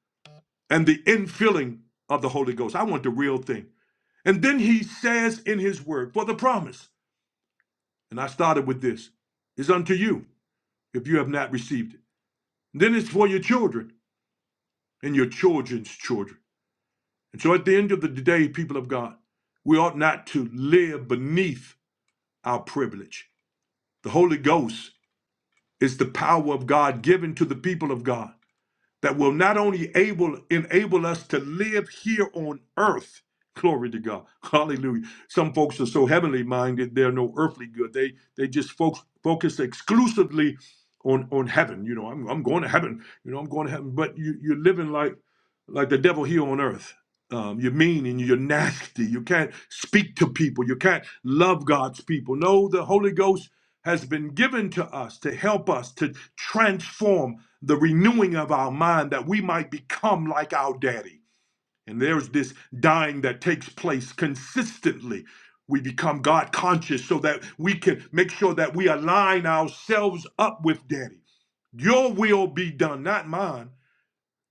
and the infilling of the Holy Ghost. I want the real thing. And then he says in his word, for the promise, and I started with this, is unto you if you have not received it. And then it's for your children and your children's children. And so at the end of the day, people of God, we ought not to live beneath our privilege. The Holy Ghost is the power of God given to the people of God that will not only able enable us to live here on earth. Glory to God. Hallelujah. Some folks are so heavenly minded, they're no earthly good. They they just focus focus exclusively on on heaven. You know, I'm I'm going to heaven. You know, I'm going to heaven. But you you're living like like the devil here on earth. Um, you're mean and you're nasty. You can't speak to people. You can't love God's people. No, the Holy Ghost has been given to us to help us to transform the renewing of our mind that we might become like our daddy. And there's this dying that takes place consistently. We become God conscious so that we can make sure that we align ourselves up with daddy. Your will be done, not mine.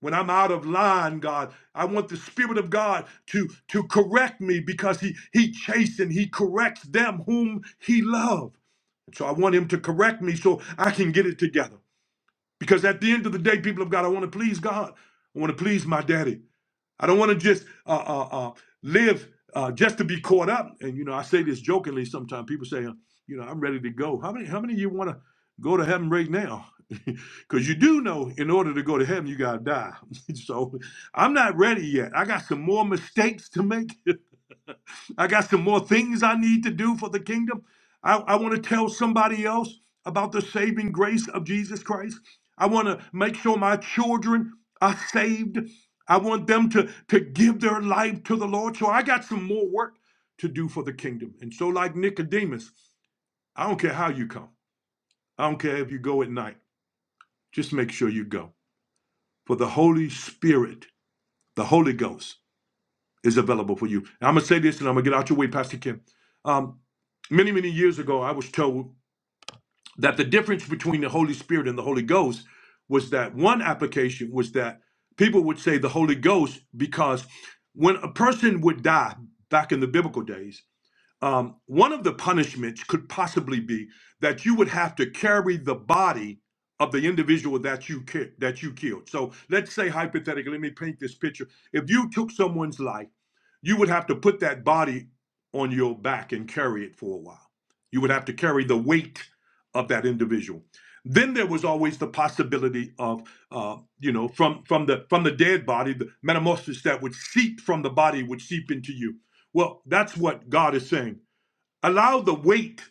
When I'm out of line, God, I want the Spirit of God to, to correct me because He He chastens, He corrects them whom He loves. So I want Him to correct me so I can get it together. Because at the end of the day, people of God, I want to please God. I want to please my daddy. I don't want to just uh, uh, uh, live uh, just to be caught up. And you know, I say this jokingly sometimes. People say, uh, you know, I'm ready to go. How many? How many of you want to go to heaven right now? Because you do know, in order to go to heaven, you gotta die. so I'm not ready yet. I got some more mistakes to make. I got some more things I need to do for the kingdom. I, I want to tell somebody else about the saving grace of Jesus Christ. I want to make sure my children are saved. I want them to, to give their life to the Lord. So I got some more work to do for the kingdom. And so, like Nicodemus, I don't care how you come, I don't care if you go at night, just make sure you go. For the Holy Spirit, the Holy Ghost, is available for you. And I'm gonna say this, and I'm gonna get out your way, Pastor Kim. Um, many, many years ago, I was told that the difference between the Holy Spirit and the Holy Ghost was that one application was that people would say the Holy Ghost because when a person would die back in the biblical days, um, one of the punishments could possibly be that you would have to carry the body of the individual that you ki- that you killed. So let's say hypothetically, let me paint this picture. If you took someone's life, you would have to put that body on your back and carry it for a while. You would have to carry the weight of that individual. Then there was always the possibility of, uh, you know, from from the from the dead body, the metamorphosis that would seep from the body would seep into you. Well, that's what God is saying Allow the weight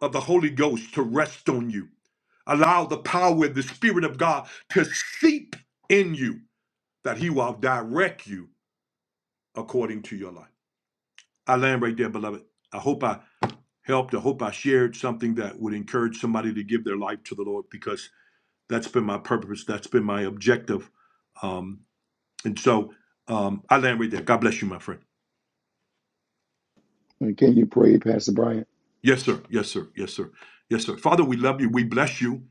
of the Holy Ghost to rest on you. Allow the power of the Spirit of God to seep in you that He will direct you according to your life. I land right there, beloved. I hope I helped. I hope I shared something that would encourage somebody to give their life to the Lord because that's been my purpose. That's been my objective. Um, and so um, I land right there. God bless you, my friend. And can you pray, Pastor Bryant? Yes, sir. Yes, sir. Yes, sir. Yes, sir. Father, we love you. We bless you.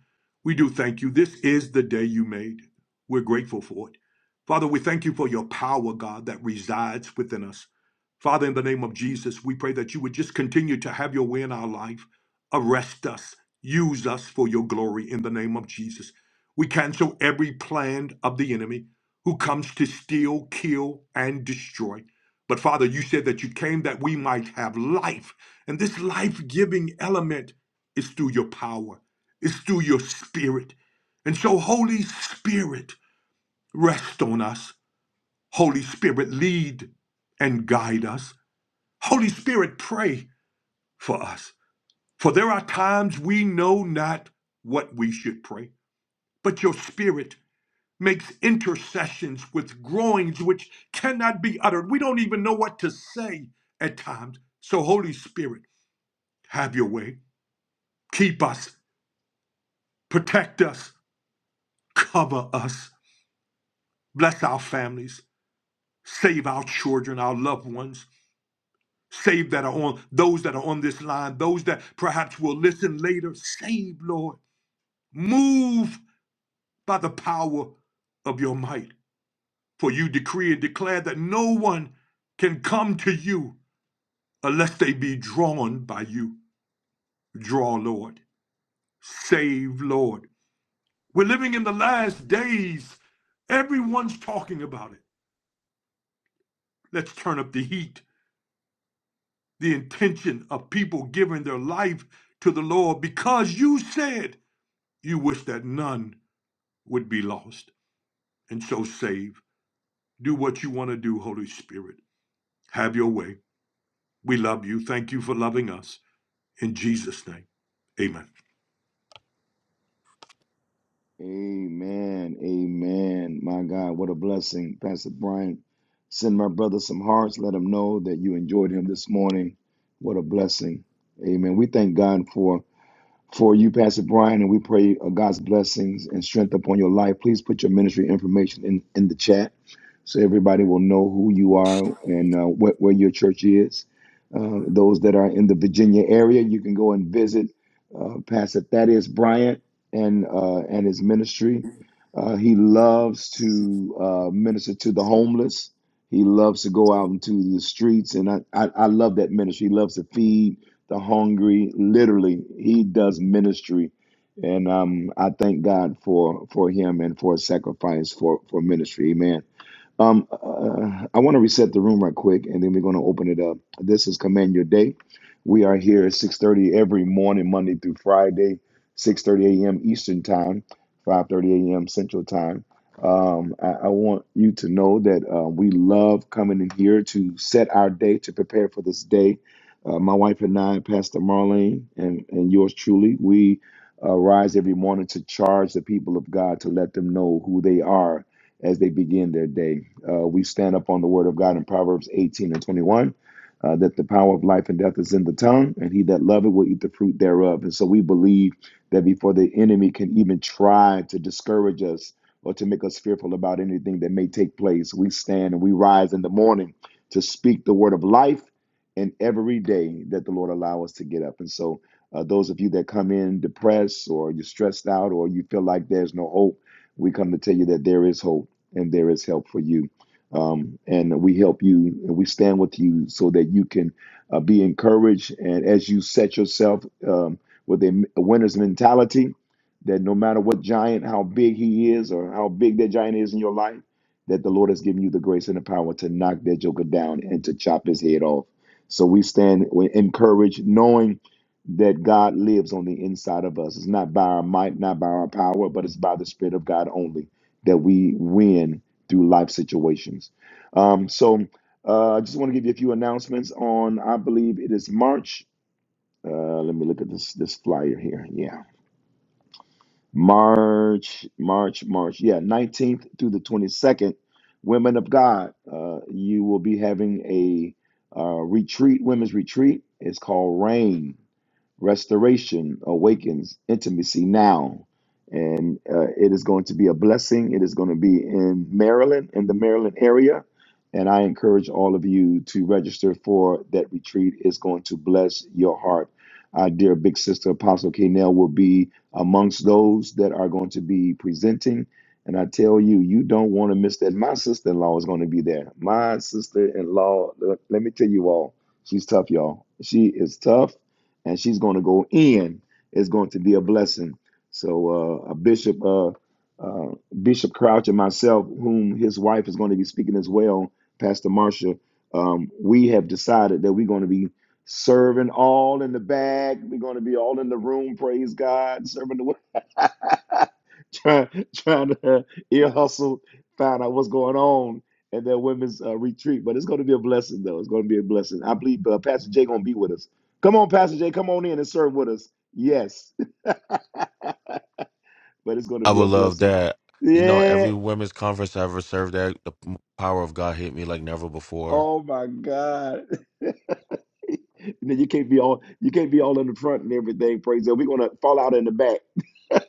We do thank you. This is the day you made. We're grateful for it. Father, we thank you for your power, God, that resides within us. Father, in the name of Jesus, we pray that you would just continue to have your way in our life. Arrest us. Use us for your glory in the name of Jesus. We cancel every plan of the enemy who comes to steal, kill, and destroy. But Father, you said that you came that we might have life and this life giving element is through your power, it's through your spirit. And so, Holy Spirit, rest on us. Holy Spirit, lead and guide us. Holy Spirit, pray for us. For there are times we know not what we should pray, but your spirit makes intercessions with groanings which cannot be uttered. We don't even know what to say at times. So, Holy Spirit, have your way. Keep us Protect us, cover us, bless our families, save our children, our loved ones, save that are on those that are on this line, those that perhaps will listen later. Save, Lord. Move by the power of your might. For you decree and declare that no one can come to you unless they be drawn by you. Draw, Lord. Save, Lord. We're living in the last days. Everyone's talking about it. Let's turn up the heat. the intention of people giving their life to the Lord because you said you wish that none would be lost and so save. Do what you want to do, Holy Spirit. Have your way. We love you. Thank you for loving us. In Jesus' name, amen. Amen. Amen. My God, what a blessing. Pastor Bryant. send my brother some hearts. Let him know that you enjoyed him this morning. What a blessing. Amen. We thank God for for you, Pastor Brian, and we pray uh, God's blessings and strength upon your life. Please put your ministry information in, in the chat so everybody will know who you are and uh, what, where your church is. Uh, those that are in the Virginia area, you can go and visit uh, Pastor Thaddeus Bryant and uh, and his ministry. Uh, he loves to uh, minister to the homeless. He loves to go out into the streets, and I, I, I love that ministry. He loves to feed the hungry. Literally, he does ministry, and um, I thank God for for him and for his sacrifice for for ministry. Amen. Um, uh, I want to reset the room right quick, and then we're going to open it up. This is Command Your Day. We are here at 6.30 every morning, Monday through Friday, 6.30 a.m. Eastern Time, 5.30 a.m. Central Time. Um, I, I want you to know that uh, we love coming in here to set our day, to prepare for this day. Uh, my wife and I, Pastor Marlene, and, and yours truly, we uh, rise every morning to charge the people of God to let them know who they are as they begin their day. Uh, we stand up on the word of God in Proverbs 18 and 21. uh, that the power of life and death is in the tongue, and he that loveth will eat the fruit thereof. And so we believe that before the enemy can even try to discourage us or to make us fearful about anything that may take place, we stand and we rise in the morning to speak the word of life and every day that the Lord allow us to get up. And so uh, those of you that come in depressed or you're stressed out or you feel like there's no hope, we come to tell you that there is hope and there is help for you. Um, and we help you and we stand with you so that you can uh, be encouraged. And as you set yourself um, with a winner's mentality, that no matter what giant, how big he is, or how big that giant is in your life, that the Lord has given you the grace and the power to knock that joker down and to chop his head off. So we stand we encouraged, knowing that God lives on the inside of us. It's not by our might, not by our power, but it's by the Spirit of God only that we win through life situations. Um, so uh, I just want to give you a few announcements on, I believe it is March. Uh, let me look at this this flyer here. Yeah, March, March, March. Yeah, 19th through the 22nd, Women of God. Uh, you will be having a uh, retreat, women's retreat. It's called Rain restoration awakens intimacy now and uh, it is going to be a blessing it is going to be in maryland in the maryland area and i encourage all of you to register for that retreat it's going to bless your heart our dear big sister apostle Kanell will be amongst those that are going to be presenting and i tell you you don't want to miss that my sister-in-law is going to be there my sister-in-law let let me tell you all she's tough y'all she is tough and she's going to go in It's going to be a blessing. So uh, a bishop, uh, uh, Bishop Crouch, and myself, whom his wife is going to be speaking as well, Pastor Marcia, um, we have decided that we're going to be serving all in the bag. We're going to be all in the room. Praise God, serving the trying trying to ear hustle, find out what's going on. at that women's uh, retreat, but it's going to be a blessing, though. It's going to be a blessing. I believe uh, Pastor Jay going to be with us. Come on, Pastor Jay, come on in and serve with us. Yes, but it's going to I be a would love blessing. that. You know, Yeah. every women's conference I ever served at, the p- power of God hit me like never before. Oh my God. And then you can't be all you can't be all in the front and everything. Praise God. We're gonna fall out in the back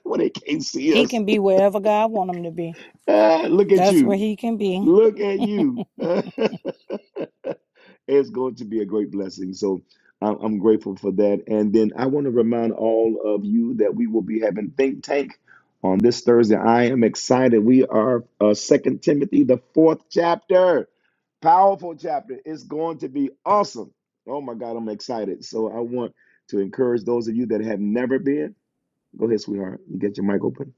when they can't see He us. can be wherever God want him to be. Look at That's where you. he can be. Look at you. It's going to be a great blessing. So I'm I'm grateful for that. And then I want to remind all of you that we will be having Think Tank on this Thursday. I am excited. We are uh, Second Timothy, the fourth chapter. Powerful chapter. It's going to be awesome. Oh my God, I'm excited. So I want to encourage those of you that have never been. Go ahead, sweetheart. You get your mic open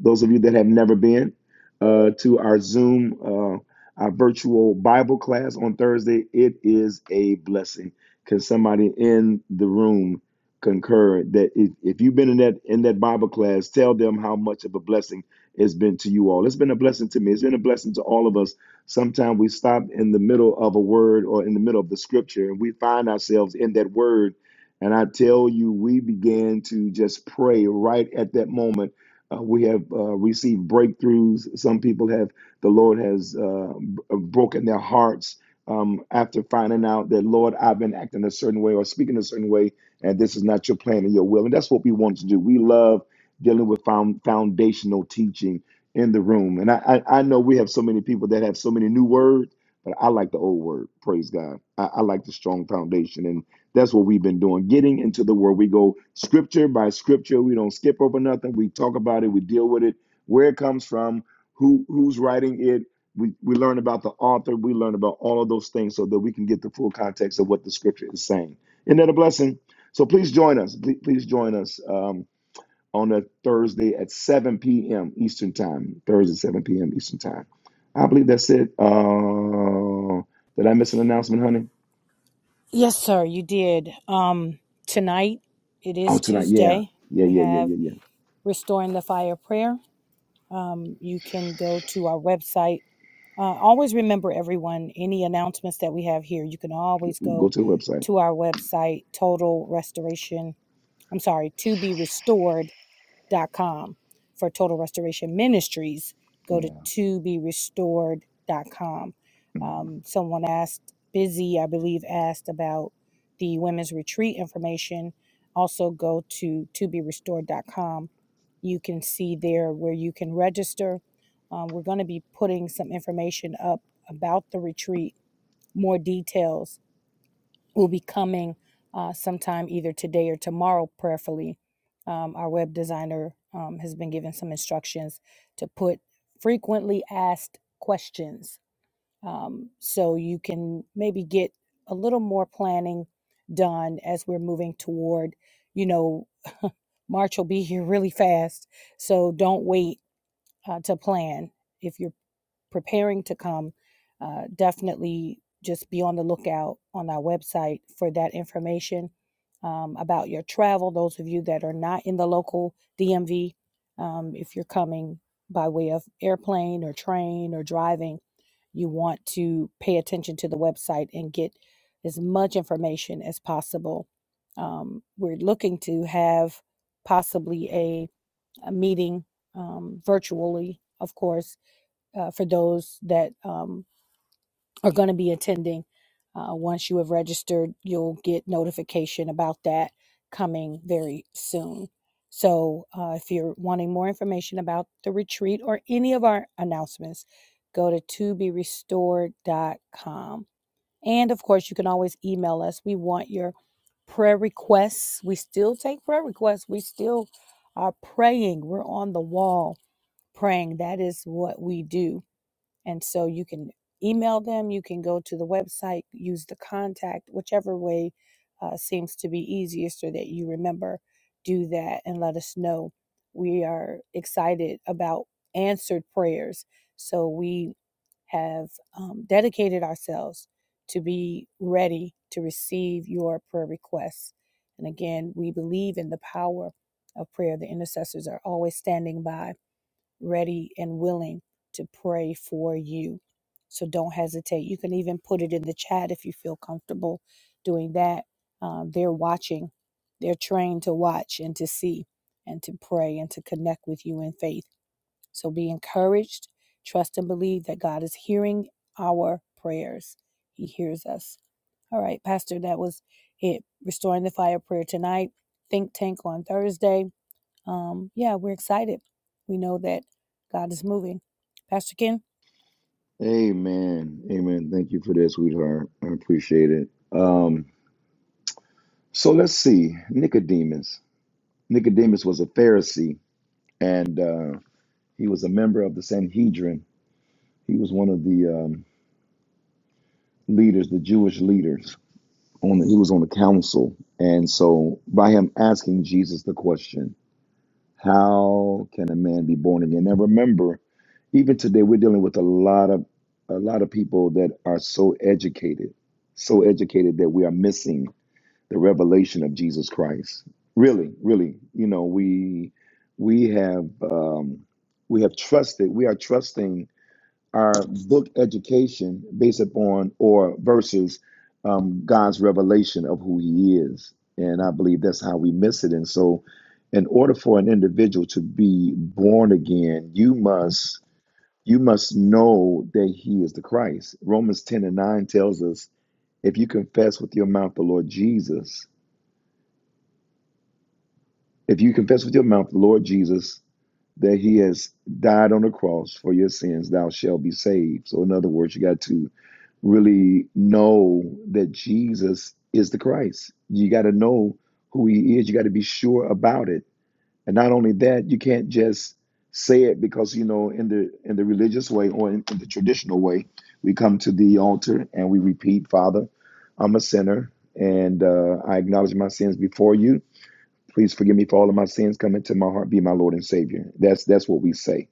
those of you that have never been uh, to our Zoom, uh, our virtual Bible class on Thursday. It is a blessing. Can somebody in the room concur that if, if you've been in that in that Bible class, tell them how much of a blessing it's been to you all. It's been a blessing to me. It's been a blessing to all of us. Sometimes we stop in the middle of a word or in the middle of the scripture, and we find ourselves in that word. And I tell you, we began to just pray right at that moment uh, we have uh, received breakthroughs. Some people have, the Lord has uh, b- broken their hearts um, after finding out that, Lord, I've been acting a certain way or speaking a certain way, and this is not your plan and your will. And that's what we want to do. We love dealing with found, foundational teaching in the room. And I, I, I know we have so many people that have so many new words, but I like the old word, praise God. I, I like the strong foundation. That's what we've been doing, getting into the word. We go scripture by scripture. We don't skip over nothing. We talk about it. We deal with it, where it comes from, who who's writing it. We, we learn about the author. We learn about all of those things so that we can get the full context of what the scripture is saying. Isn't that a blessing? So please join us. Please, please join us um, on a Thursday at 7 p.m. Eastern Time. Thursday, 7 p.m. Eastern Time. I believe that's it. Uh, did I miss an announcement, honey? Yes, sir, you did. Um, tonight, it Oh, is tonight. Yeah. Tuesday. Yeah, We yeah, yeah, have yeah, yeah. Restoring the Fire Prayer. Um, you can go to our website. Uh, always remember, everyone, any announcements that we have here, you can always Go go to the website. to our website, Total Restoration. I'm sorry, to be restored dot com for Total Restoration Ministries. Go to Yeah. to be restored.com. Um, someone asked, Busy, I believe, asked about the women's retreat information. Also, go to to be restored dot com. You can see there where you can register. Um, we're going to be putting some information up about the retreat, more details will be coming uh, sometime either today or tomorrow, prayerfully. Um, our web designer um, has been given some instructions to put frequently asked questions um, so you can maybe get a little more planning done as we're moving toward, you know, March will be here really fast. So don't wait uh, to plan. if you're preparing to come, uh, definitely just be on the lookout on our website for that information um, about your travel. Those of you that are not in the local DMV, um, if you're coming by way of airplane or train or driving, you want to pay attention to the website and get as much information as possible. Um, we're looking to have possibly a, a meeting um, virtually, of course uh, for those that um, are going to be attending. Uh, once you have registered, you'll get notification about that coming very soon. So, uh, if you're wanting more information about the retreat or any of our announcements, go to to be restored. dot com. And of course, you can always email us. We want your prayer requests. We still take prayer requests. We still are praying. We're on the wall praying. That is what we do and so you can email them, you can go to the website, use the contact, whichever way uh, seems to be easiest or that you remember. Do that and let us know. We are excited about answered prayers. So we have um, dedicated ourselves to be ready to receive your prayer requests. And again, we believe in the power of prayer. The intercessors are always standing by ready and willing to pray for you. So don't hesitate. You can even put it in the chat if you feel comfortable doing that. Um, they're watching, they're trained to watch and to see and to pray and to connect with you in faith. So be encouraged, trust, and believe that God is hearing our prayers. He hears us. All right, Pastor, that was it. Restoring the Fire prayer tonight, Think Tank on Thursday um, yeah, we're excited. We know that God is moving. Pastor Ken? Amen. Amen. Thank you for that, sweetheart. I appreciate it. Um, so let's see. Nicodemus. Nicodemus was a Pharisee, and uh, he was a member of the Sanhedrin. He was one of the um, leaders, the Jewish leaders. On the, he was on the council, and so by him asking Jesus the question. How can a man be born again? Now remember, even today we're dealing with a lot of a lot of people that are so educated, so educated that we are missing the revelation of Jesus Christ. Really, really, you know, we we have um, we have trusted. We are trusting our book education based upon or versus um, God's revelation of who He is. And I believe that's how we miss it. And so, in order for an individual to be born again, you must you must know that He is the Christ. Romans ten and nine tells us, if you confess with your mouth the Lord Jesus If you confess with your mouth the Lord Jesus, that he has died on the cross for your sins, thou shalt be saved. So, in other words, you got to really know that Jesus is the Christ. You got to know who he is. You got to be sure about it. And not only that, you can't just say it because you know in the in the religious way or in, in the traditional way, we come to the altar and we repeat, "Father, I'm a sinner and uh, I acknowledge my sins before you." Please forgive me for all of my sins. Come into my heart. Be my Lord and Savior. That's that's what we say.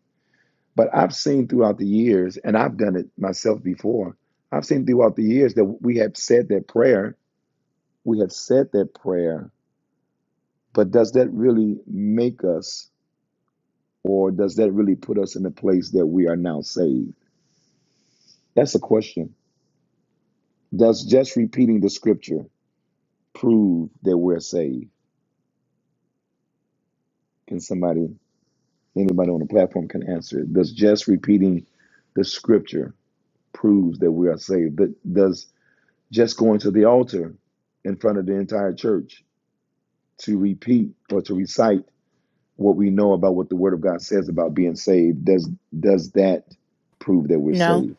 But I've seen throughout the years, and I've done it myself before. I've seen throughout the years that we have said that prayer. We have said that prayer. But does that really make us, or does that really put us in a place that we are now saved? That's a question. Does just repeating the scripture prove that we're saved? Can somebody, anybody on the platform, can answer it? Does just repeating the scripture proves that we are saved. That does just going to the altar in front of the entire church to repeat or to recite what we know about what the Word of God says about being saved. Does does that prove that we're No. saved?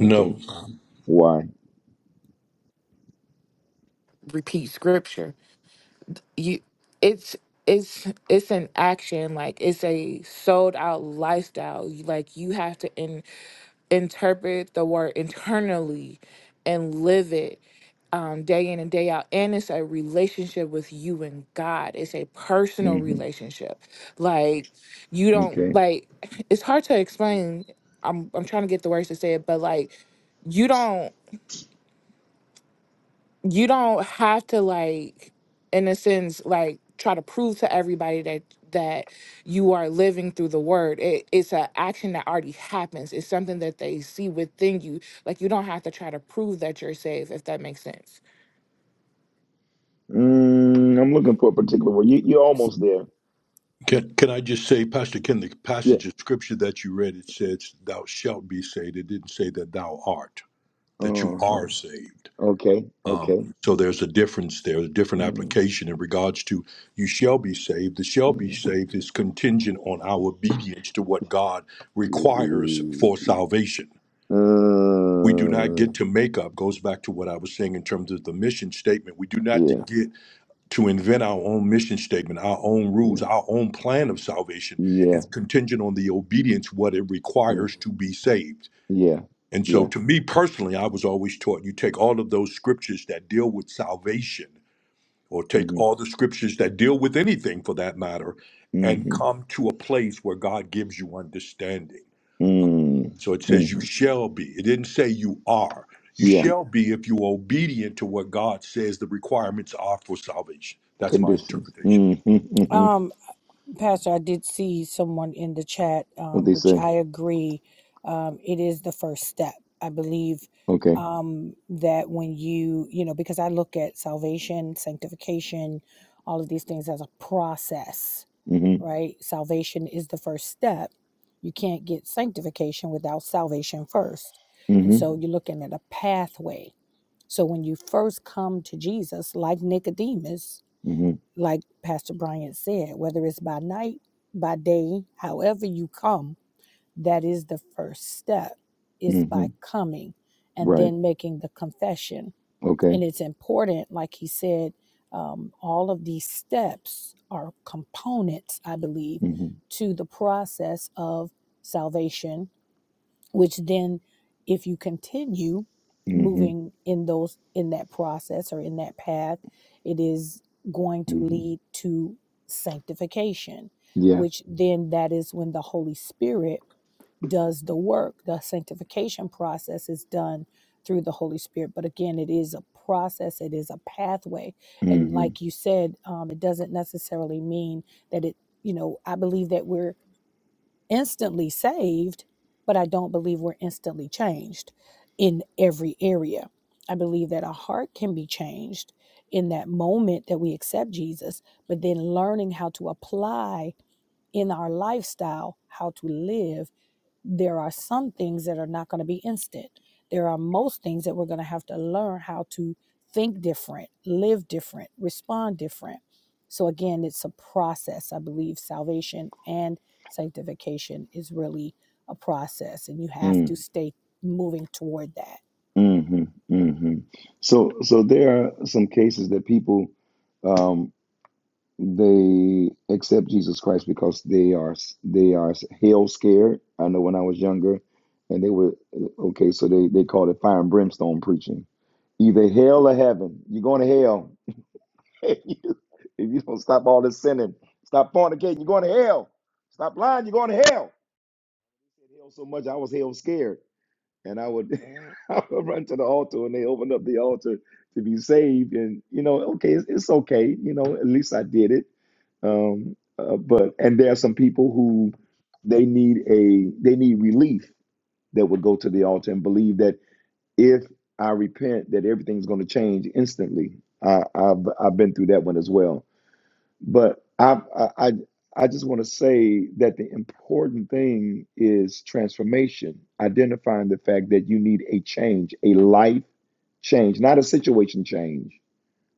No, Why? Repeat scripture. You it's it's it's an action like it's a sold out lifestyle You- like you have to in, interpret the word internally and live it um, day in and day out and it's a relationship with you and god it's a personal hmm relationship like you don't Okay. like it's hard to explain i'm i'm trying to get the words to say it but like you don't you don't have to like in a sense like try to prove to everybody that that you are living through the word it, it's an action that already happens it's something that they see within you like you don't have to try to prove that you're saved if that makes sense Mm, I'm looking for a particular word. You, you're almost there. can, can I just say, Pastor Ken, the Yeah. passage of scripture that you read, it says, Thou shalt be saved. It didn't say that thou art, that you Uh huh. are saved. Okay. Um, Okay. so there's a difference there, a different Mhm. application in regards to you shall be saved. The shall be saved is contingent on our obedience to what God requires for salvation. We do not Uh, get to make up, goes back to what I was saying in terms of the mission statement. We do not to yeah. get to invent our own mission statement, our own rules, Yeah. our own plan of salvation. Yeah. It's Yeah. contingent on the obedience, what it requires to be saved. Yeah. And so, Yeah. to me personally, I was always taught you take all of those scriptures that deal with salvation or take hmm all the scriptures that deal with anything for that matter and hmm come to a place where God gives you understanding. Mhm. So it says, You hmm shall be. It didn't say you are. You Yeah, shall be if you're obedient to what God says the requirements are for salvation. That's my conditions. interpretation. hmm hmm Um, Pastor, I did see someone in the chat, What um, they which say. I agree. Um, it is the first step. I believe Okay. um, that when you, you know, because I look at salvation, sanctification, all of these things as a process, hmm right? Salvation is the first step. You can't get sanctification without salvation first. And hmm so you're looking at a pathway So when you first come to Jesus, like Nicodemus, hmm like Pastor Bryant said, whether it's by night, by day, however you come, that is the first step is by hmm coming and Right. then making the confession. Okay. And it's important, like he said, um, all of these steps are components, I believe, hmm to the process of salvation which then if you continue hmm moving in those in that process or in that path it is going to hmm lead to sanctification Yeah. which then that is when the holy spirit does the work the sanctification process is done through the holy spirit but again it is a process it is a pathway hmm and hmm like you said um, it doesn't necessarily mean that it you know i believe that we're instantly saved, but I don't believe we're instantly changed in every area. I believe that a heart can be changed in that moment that we accept Jesus, but then learning how to apply in our lifestyle how to live there are some things that are not going to be instant. There are most things that we're going to have to learn how to think different, live different, respond different. So, again, it's a process. I believe salvation and sanctification is really a process, and you have hmm to hmm stay moving toward that. So, so there are some cases that people, um, They accept Jesus Christ because they are they are hell scared. I know when I was younger, and they were okay. So they they called it fire and brimstone preaching. Either hell or heaven. You're going to hell. if you don't stop all this sinning, stop fornicating, you're going to hell. Stop lying, you're going to hell. Hell so much I was hell scared, and I would I would run to the altar, and they opened up the altar to be saved. And you know, okay, it's, it's okay. You know, at least I did it um, uh, but and there are some people who they need a they need relief that would go to the altar and believe that if I repent, that everything's going to change instantly. I, I've I've been through that one as well. But I I I I just want to say that the important thing is transformation, identifying the fact that you need a change, a life change, not a situation change,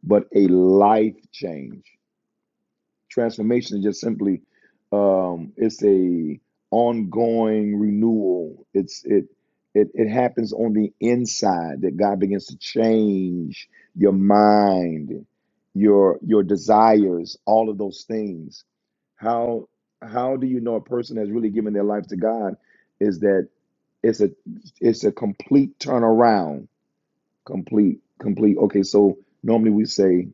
but a life change Transformation is just simply um, it's a ongoing renewal. It's it it it happens on the inside that God begins to change your mind, your your desires, all of those things. How how do you know a person has really given their life to God is that it's a it's a complete turnaround, complete complete. Okay, so normally we say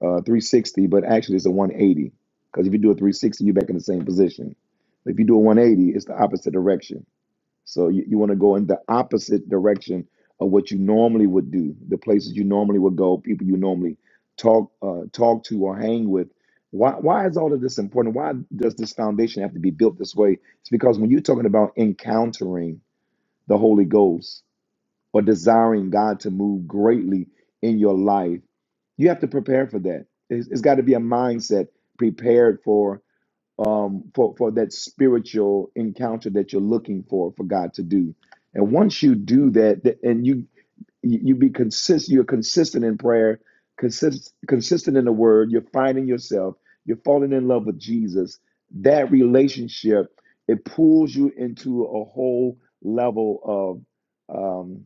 uh, 360, but actually it's a 180. Because if you do a 360, you're back in the same position. If you do a 180, it's the opposite direction. So you, you want to go in the opposite direction of what you normally would do, the places you normally would go, people you normally talk uh, talk to or hang with. Why, why is all of this important? Why does this foundation have to be built this way? It's because when you're talking about encountering the Holy Ghost, or desiring God to move greatly in your life, you have to prepare for that. It's, it's got to be a mindset prepared for um for for that spiritual encounter that you're looking for for God to do. And once you do that, that and you you you be consistent you're consistent in prayer consist, consistent in the word you're finding yourself you're falling in love with jesus that relationship it pulls you into a whole level of um,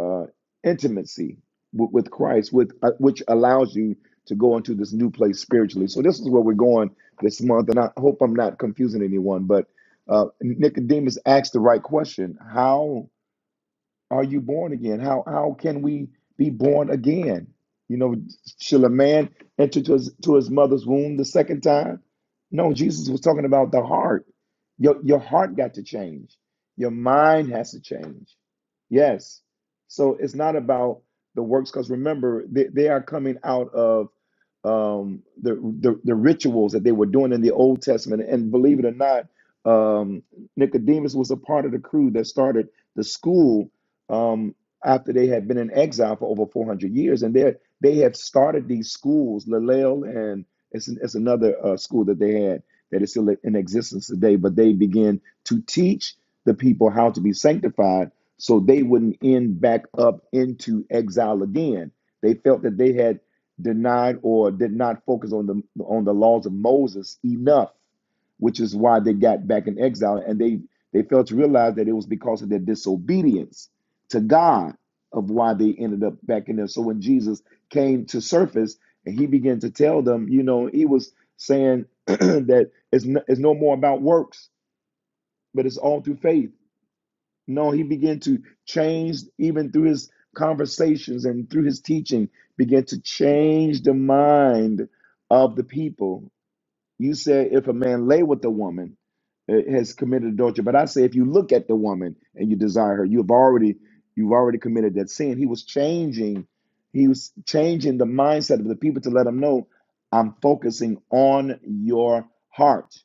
uh, intimacy with, with Christ, with uh, which allows you to go into this new place spiritually. So this is where we're going this month, and I hope I'm not confusing anyone. But uh, Nicodemus asked the right question: How? Are you born again? How how can we be born again? You know, shall a man enter to his to his mother's womb the second time? No, Jesus was talking about the heart. Your your heart got to change. Your mind has to change. Yes. So it's not about the works, because remember, they, they are coming out of um, the, the the rituals that they were doing in the Old Testament. And believe it or not, um, Nicodemus was a part of the crew that started the school um, after they had been in exile for over 400 years. And they they have started these schools, Lalel, and it's, it's another uh, school that they had that is still in existence today, but they began to teach the people how to be sanctified so they wouldn't end back up into exile again. They felt that they had denied or did not focus on the on the laws of Moses enough, which is why they got back in exile and they they failed to realize that it was because of their disobedience to God of why they ended up back in there. So when Jesus came to surface and he began to tell them, you know, he was saying that it's no, it's no more about works, but it's all through faith. No, he began to change even through his conversations and through his teaching, began to change the mind of the people you said if a man lay with a woman, uh, has committed adultery. But I say if you look at the woman and you desire her, you've already you've already committed that sin. He was changing, he was changing the mindset of the people to let them know I'm focusing on your heart.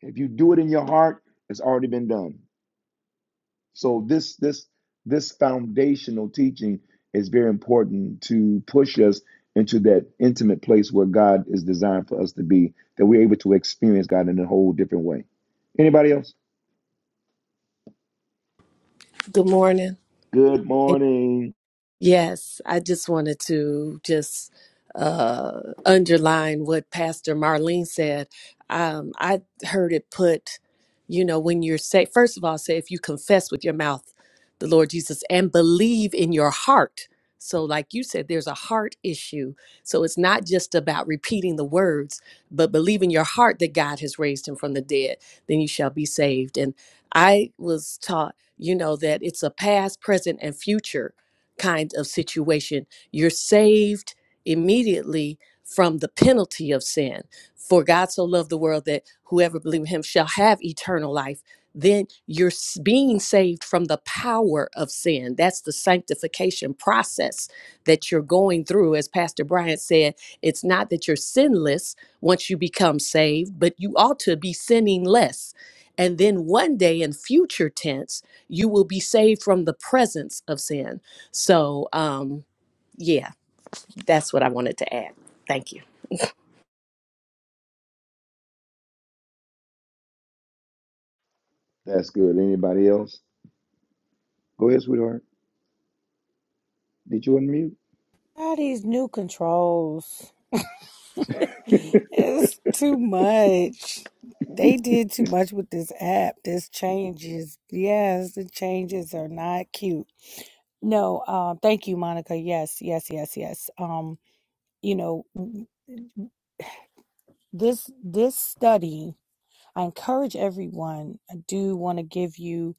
If you do it in your heart, it's already been done. So this this this foundational teaching is very important to push us into that intimate place where God is designed for us to be, that we're able to experience God in a whole different way. Anybody else? Good morning. Good morning. Yes, I just wanted to just uh, underline what Pastor Marlene said. Um, I heard it put, you know, when you're say, first of all, say if you confess with your mouth the Lord Jesus and believe in your heart. So, like you said, there's a heart issue. So it's not just about repeating the words, but believe in your heart that God has raised him from the dead. Then you shall be saved. And I was taught, you know, that it's a past, present, and future kind of situation. You're saved immediately from the penalty of sin. For God so loved the world that whoever believes in him shall have eternal life. Then you're s- being saved from the power of sin. That's the sanctification process that you're going through. As Pastor Bryant said, it's not that you're sinless once you become saved, but you ought to be sinning less. And then one day in future tense, you will be saved from the presence of sin so, um, yeah, that's what I wanted to add. Thank you. That's good. Anybody else? Go ahead, sweetheart. Did you unmute? All these new controls, it's too much. They did too much with this app. This changes, yes, the changes are not cute No, uh, thank you, Monica. Yes, yes, yes, yes. Um, you know, w- this this study, I encourage everyone. I do want to give you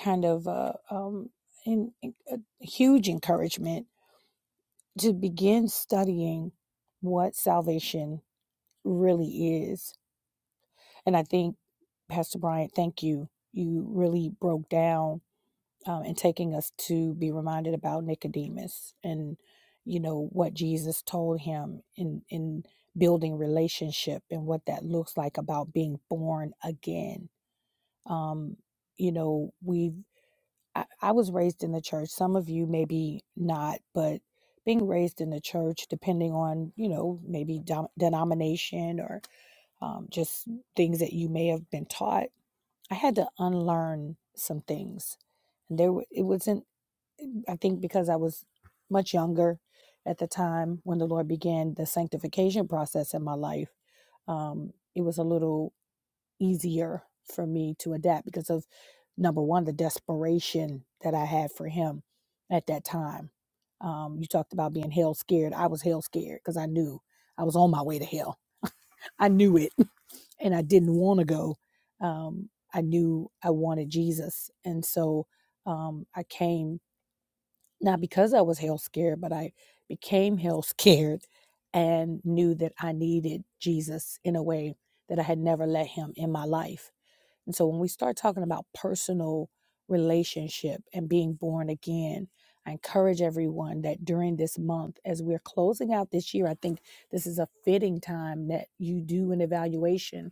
kind of a, um, in, in- a huge encouragement to begin studying what salvation really is. And I think, Pastor Bryant, thank you. You really broke down um, and taking us to be reminded about Nicodemus and you know what Jesus told him in in building relationship and what that looks like about being born again. Um, you know, we've I, I was raised in the church. Some of you maybe not, but being raised in the church, depending on you know maybe dom- denomination or um, just things that you may have been taught, I had to unlearn some things and there wa- it wasn't I think because I was much younger at the time when the Lord began the sanctification process in my life, um, it was a little easier for me to adapt because of number one, the desperation that I had for Him at that time. Um, you talked about being hell scared. I was hell scared because I knew I was on my way to hell. I knew it and I didn't want to go. Um, I knew I wanted Jesus. And so um, I came not because I was hell scared, but I became hell scared and knew that I needed Jesus in a way that I had never let him in my life. And so when we start talking about personal relationship and being born again, I encourage everyone that during this month, as we're closing out this year, I think this is a fitting time that you do an evaluation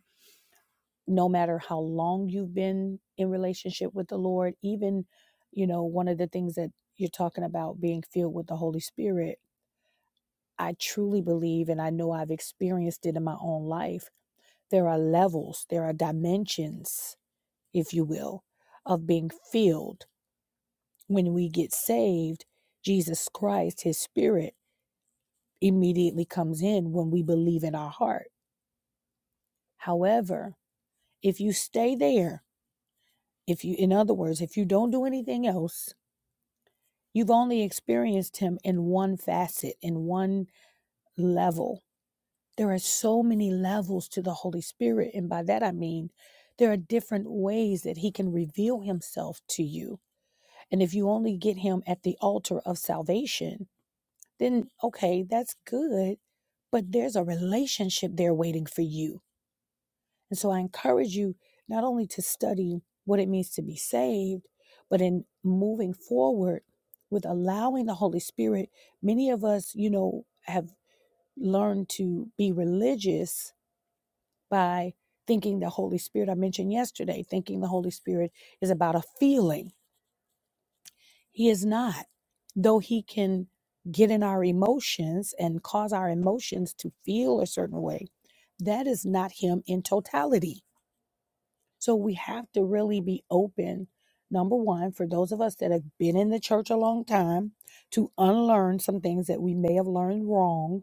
no matter how long you've been in relationship with the Lord, even, you know, one of the things that you're talking about being filled with the Holy Spirit, I truly believe, and I know I've experienced it in my own life, there are levels, there are dimensions, if you will, of being filled. When we get saved, Jesus Christ, his spirit, immediately comes in when we believe in our heart. However, if you stay there, if you, in other words, if you don't do anything else, You've only experienced him in one facet, in one level. There are so many levels to the Holy Spirit. And by that I mean, there are different ways that he can reveal himself to you. And if you only get him at the altar of salvation, then okay, that's good. But there's a relationship there waiting for you and so I encourage you not only to study what it means to be saved, but in moving forward with allowing the Holy Spirit, many of us, you know, have learned to be religious by thinking the Holy Spirit, I mentioned yesterday, thinking the Holy Spirit is about a feeling. He is not, though he can get in our emotions and cause our emotions to feel a certain way. That is not him in totality So we have to really be open, number one, for those of us that have been in the church a long time, to unlearn some things that we may have learned wrong,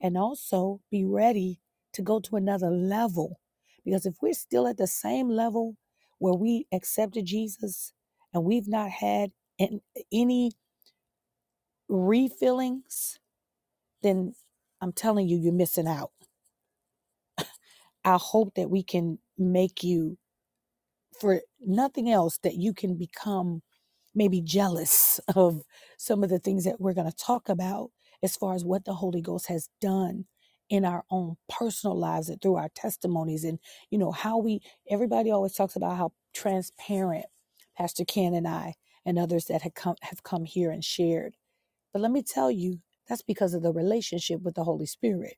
and also be ready to go to another level. Because if we're still at the same level where we accepted Jesus and we've not had an- any refillings, then I'm telling you, you're missing out. I hope that we can make you, for nothing else, that you can become maybe jealous of some of the things that we're going to talk about as far as what the Holy Ghost has done in our own personal lives and through our testimonies and you know how we everybody always talks about how transparent Pastor Ken and I and others that have come have come here and shared. But let me tell you, that's because of the relationship with the Holy Spirit.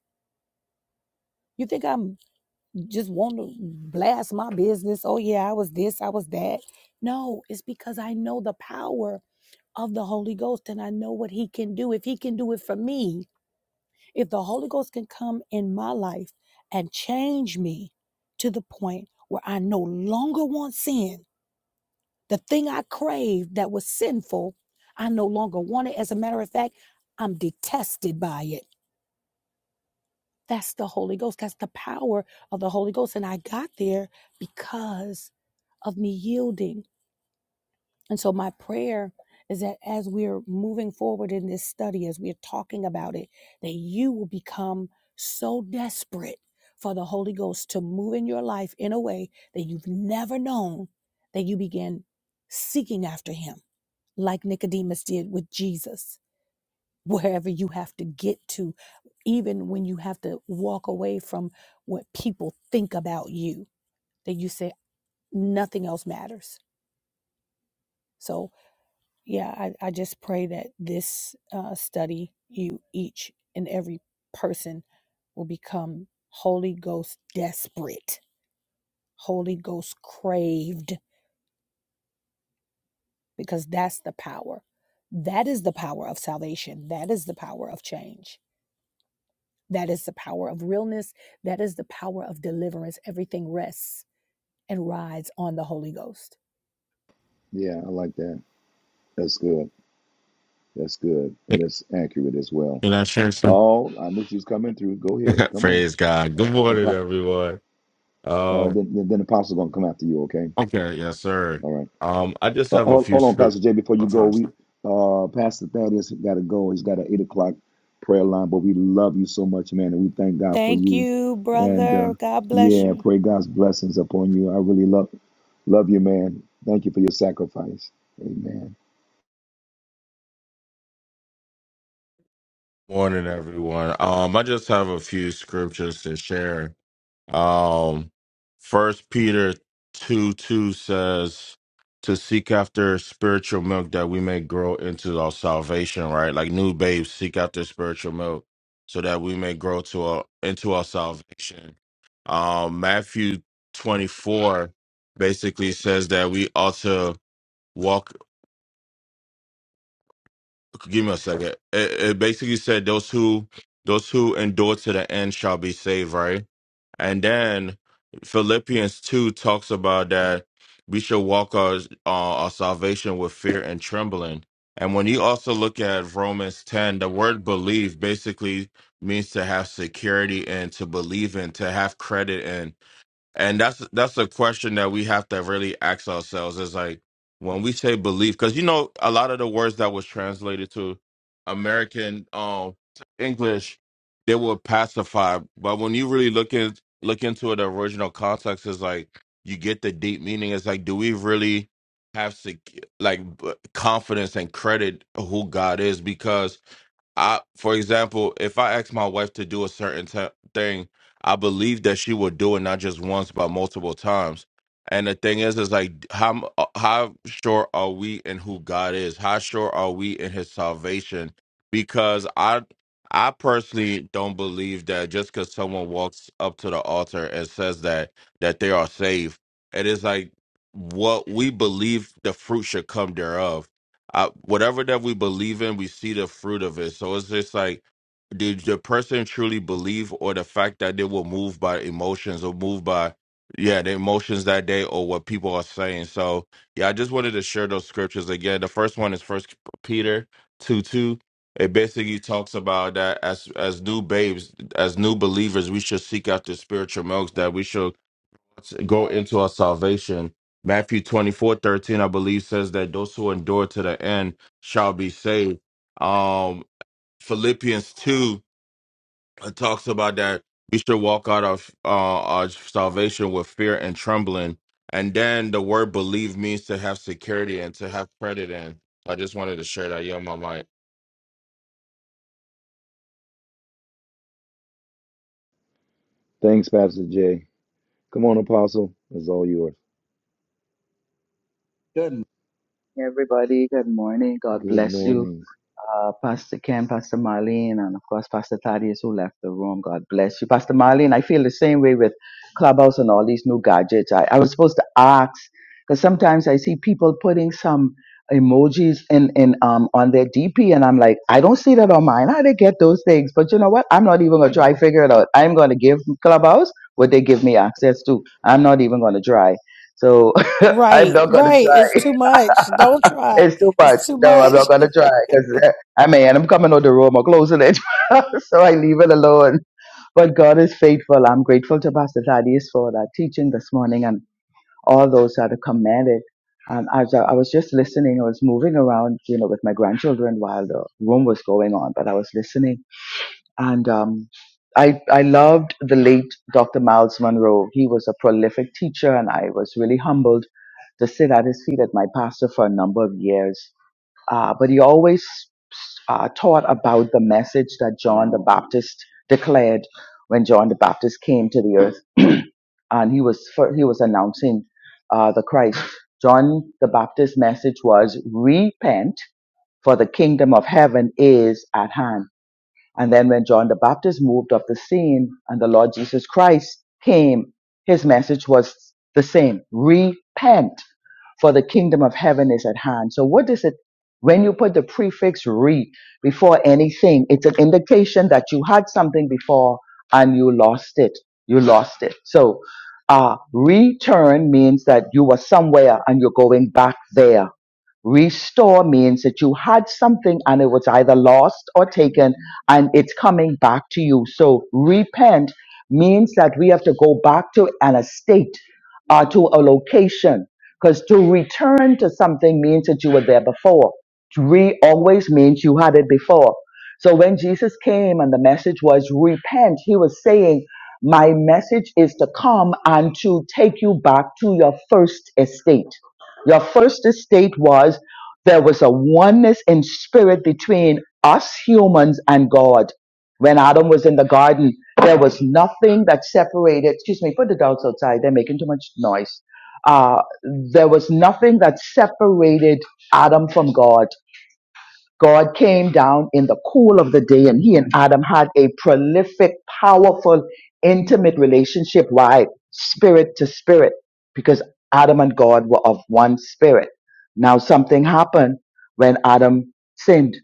You think I'm just want to blast my business? Oh yeah, I was this, I was that. No, it's because I know the power of the Holy Ghost and I know what He can do. If He can do it for me, if the Holy Ghost can come in my life and change me to the point where I no longer want sin, the thing I craved that was sinful, I no longer want it. As a matter of fact, I'm detested by it. That's the Holy Ghost. That's the power of the Holy Ghost. And I got there because of me yielding And so, my prayer is that as we're moving forward in this study, as we're talking about it, that you will become so desperate for the Holy Ghost to move in your life in a way that you've never known, that you begin seeking after Him, like Nicodemus did with Jesus, wherever you have to get to, even when you have to walk away from what people think about you, that you say, nothing else matters. So, yeah i, I just pray that this uh, study you each and every person will become holy ghost desperate holy ghost craved because that's the power that is the power of salvation that is the power of change that is the power of realness that is the power of deliverance everything rests and rides on the Holy Ghost. Yeah, I like that. That's good. That's good. And Can that's accurate as well. I share some? Oh, I knew she was coming through. Go ahead. Come on. Praise God. Good morning, Apo- everyone. uh, Um, then, then, then Apostle's going to come after you, okay? okay, yes, sir. All right. Um, I just Uh, have a hold, few hold on, script. Pastor Jay. Before oh, you go, sorry, we sorry. uh, Pastor Thaddeus got to go. He's got an eight o'clock prayer line. But we love you so much, man, and we thank God for Thank you. you, And uh, brother. God bless yeah, you. pray God's blessings upon you. I really love love you, man. Thank you for your sacrifice. Amen. Morning, everyone. Um, I just have a few scriptures to share. Um, First Peter two two says to seek after spiritual milk that we may grow into our salvation. Right, like new babes seek after spiritual milk so that we may grow to our into our salvation. Um, Matthew twenty four basically says that we ought to walk. Give me a second. It, it basically said those who those who endure to the end shall be saved. Right And then Philippians 2 talks about that we should walk our, uh, our salvation with fear and trembling. And when you also look at Romans 10, the word believe basically means to have security and to believe in, to have credit in. And that's that's a question that we have to really ask ourselves is like when we say belief, because you know a lot of the words that was translated to American um English, they were pacified. But when you really look in look into the original context, is like you get the deep meaning. It's like, do we really have sec- like b- confidence and credit who God is? Because I, for example, if I ask my wife to do a certain t- thing, I believe that she will do it not just once but multiple times. And the thing is, is like how m- uh, how sure are we in who God is? How sure are we in His salvation? Because I I personally don't believe that just because someone walks up to the altar and says that that they are saved, it is like what we believe the fruit should come thereof I, whatever that we believe in, we see the fruit of it. So it's just like, did the person truly believe, or the fact that they were moved by emotions or moved by, yeah, the emotions that day or what people are saying? So yeah, I just wanted to share those scriptures again. The first one is First Peter two two. It basically talks about that as as new babes, as new believers, we should seek after spiritual milks that we should to Go into our salvation. Matthew twenty four thirteen, I believe, says that those who endure to the end shall be saved. Um, Philippians two it talks about that. Be sure walk out of uh, our salvation with fear and trembling. And then the word believe means to have security and to have credit in. I just wanted to share that. Yield my mic. Thanks, Pastor Jay. Come on, Apostle. It's all yours. Good morning, everybody. Good morning. God Good bless you. morning. Uh, Pastor, Pastor Marlene and who left home, God bless you. Pastor Marlene, I feel the same way with Clubhouse and all these church. I, I was supposed to ask because sometimes I see people putting some emojis in, in um on their DP and I'm like, I don't see that on mine. How they get those things? But you know what? I'm not even gonna try to figure it out. I'm gonna give Clubhouse what they give me access to. I'm not even gonna try. So I'm Right, not gonna right. try. It's too much. Don't try. It's too much. It's too No, I'm much. not gonna try because I mean I'm coming out the room or closing it, so I leave it alone. But God is faithful. I'm grateful to Pastor Thaddeus for that teaching this morning and all those that have commended. And as I, I was just listening, I was moving around, you know, with my grandchildren while the room was going on, but I was listening, and um, I I loved the late Dr. Miles Monroe. He was a prolific teacher, and I was really humbled to sit at his feet at my pastor for a number of years uh, but he always uh, taught about the message that John the Baptist declared when John the Baptist came to the earth, and he was fir- he was announcing uh, the Christ. John the Baptist's message was repent, for the kingdom of heaven is at hand. And then when John the Baptist moved off the scene and the Lord Jesus Christ came, his message was the same. Repent for the kingdom of heaven is at hand. So what is it when you put the prefix re before anything? It's an indication that you had something before and you lost it. You lost it. So, uh, return means that you were somewhere and you're going back there Restore means that you had something and it was either lost or taken and it's coming back to you. So repent means that we have to go back to an estate or to a location because to return to something means that you were there before. Re always means you had it before. So when Jesus came and the message was repent, he was saying, my message is to come and to take you back to your first estate the first estate was there was a oneness in spirit between us humans and God. When Adam was in the garden, there was nothing that separated. Excuse me, put the dogs outside. They're making too much noise. Uh, there was nothing that separated Adam from God. God came down in the cool of the day and he and Adam had a prolific, powerful, intimate relationship. Why? Spirit to spirit. Because Adam and God were of one spirit. Now something happened when Adam sinned.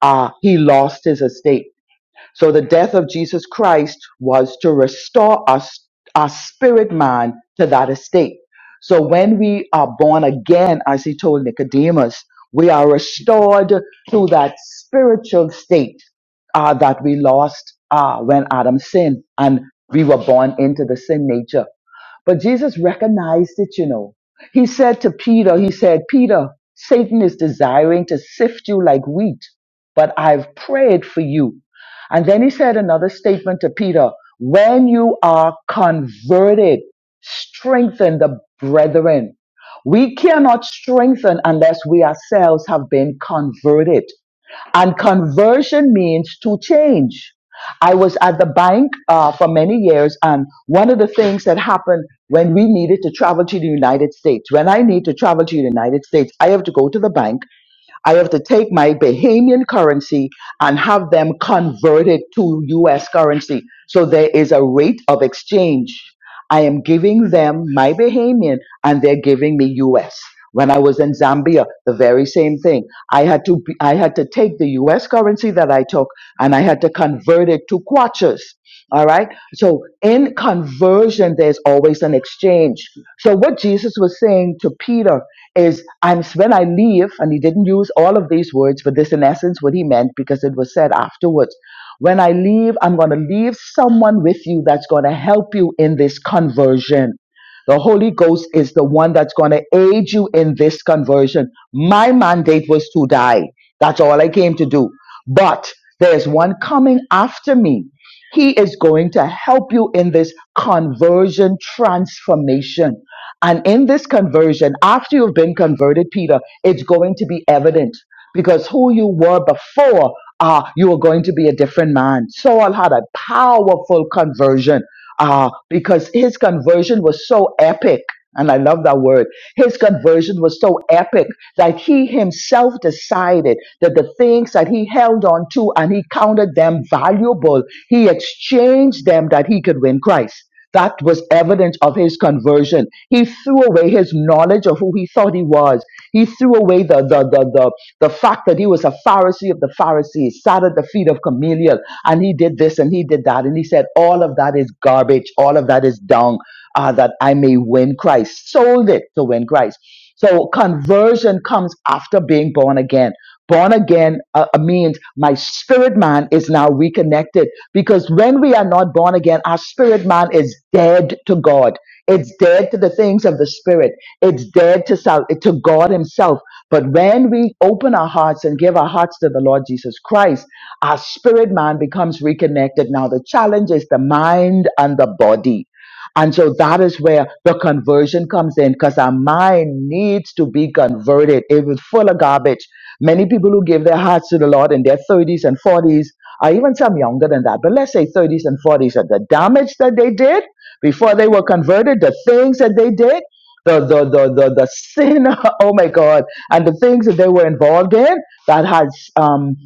Ah, he lost his estate so the death of Jesus Christ was to restore us, our spirit man to that estate. So when we are born again, as he told Nicodemus, we are restored to that spiritual state uh, that we lost uh, when Adam sinned and we were born into the sin nature. But Jesus recognized it, you know. He said to Peter, He said, Peter, Satan is desiring to sift you like wheat, but I've prayed for you. And then he said another statement to Peter, when you are converted, strengthen the brethren. We cannot strengthen unless we ourselves have been converted. And conversion means to change. I was at the bank uh, for many years, and one of the things that happened when we needed to travel to the United States, when I need to travel to the United States, I have to go to the bank I have to take my Bahamian currency and have them converted to US currency. So there is a rate of exchange. I am giving them my Bahamian and they're giving me US. When I was in Zambia, the very same thing. I had to be, I had to take the US currency that I took and I had to convert it to kwatas. All right. So in conversion, there's always an exchange. So what Jesus was saying to Peter is I'm when I leave, and he didn't use all of these words, but this in essence what he meant because it was said afterwards. When I leave, I'm going to leave someone with you that's going to help you in this conversion. The Holy Ghost is the one that's going to aid you in this conversion. My mandate was to die. That's all I came to do. But there's one coming after me. He is going to help you in this conversion transformation. And in this conversion, after you've been converted, Peter, it's going to be evident because who you were before, uh, you are going to be a different man. Saul had a powerful conversion uh, because his conversion was so epic. And I love that word. His conversion was so epic that he himself decided that the things that he held on to and he counted them valuable, he exchanged them that he could win Christ. That was evidence of his conversion. He threw away his knowledge of who he thought he was. He threw away the, the, the, the, the fact that he was a Pharisee of the Pharisees, sat at the feet of Gamaliel, and he did this and he did that. And he said, All of that is garbage. All of that is dung uh, that I may win Christ. Sold it to win Christ. So conversion comes after being born again. Born again uh, uh, means my spirit man is now reconnected because when we are not born again, our spirit man is dead to God. It's dead to the things of the spirit. It's dead to self, to God Himself. But when we open our hearts and give our hearts to the Lord Jesus Christ, our spirit man becomes reconnected. Now the challenge is the mind and the body and so that is where the conversion comes in because our mind needs to be converted. It was full of garbage. Many people who give their hearts to the Lord in their 30s and 40s, or even some younger than that, but let's say 30s and 40s, and the damage that they did before they were converted, the things that they did, the, the, the, the, the sin, oh my God, and the things that they were involved in, that has um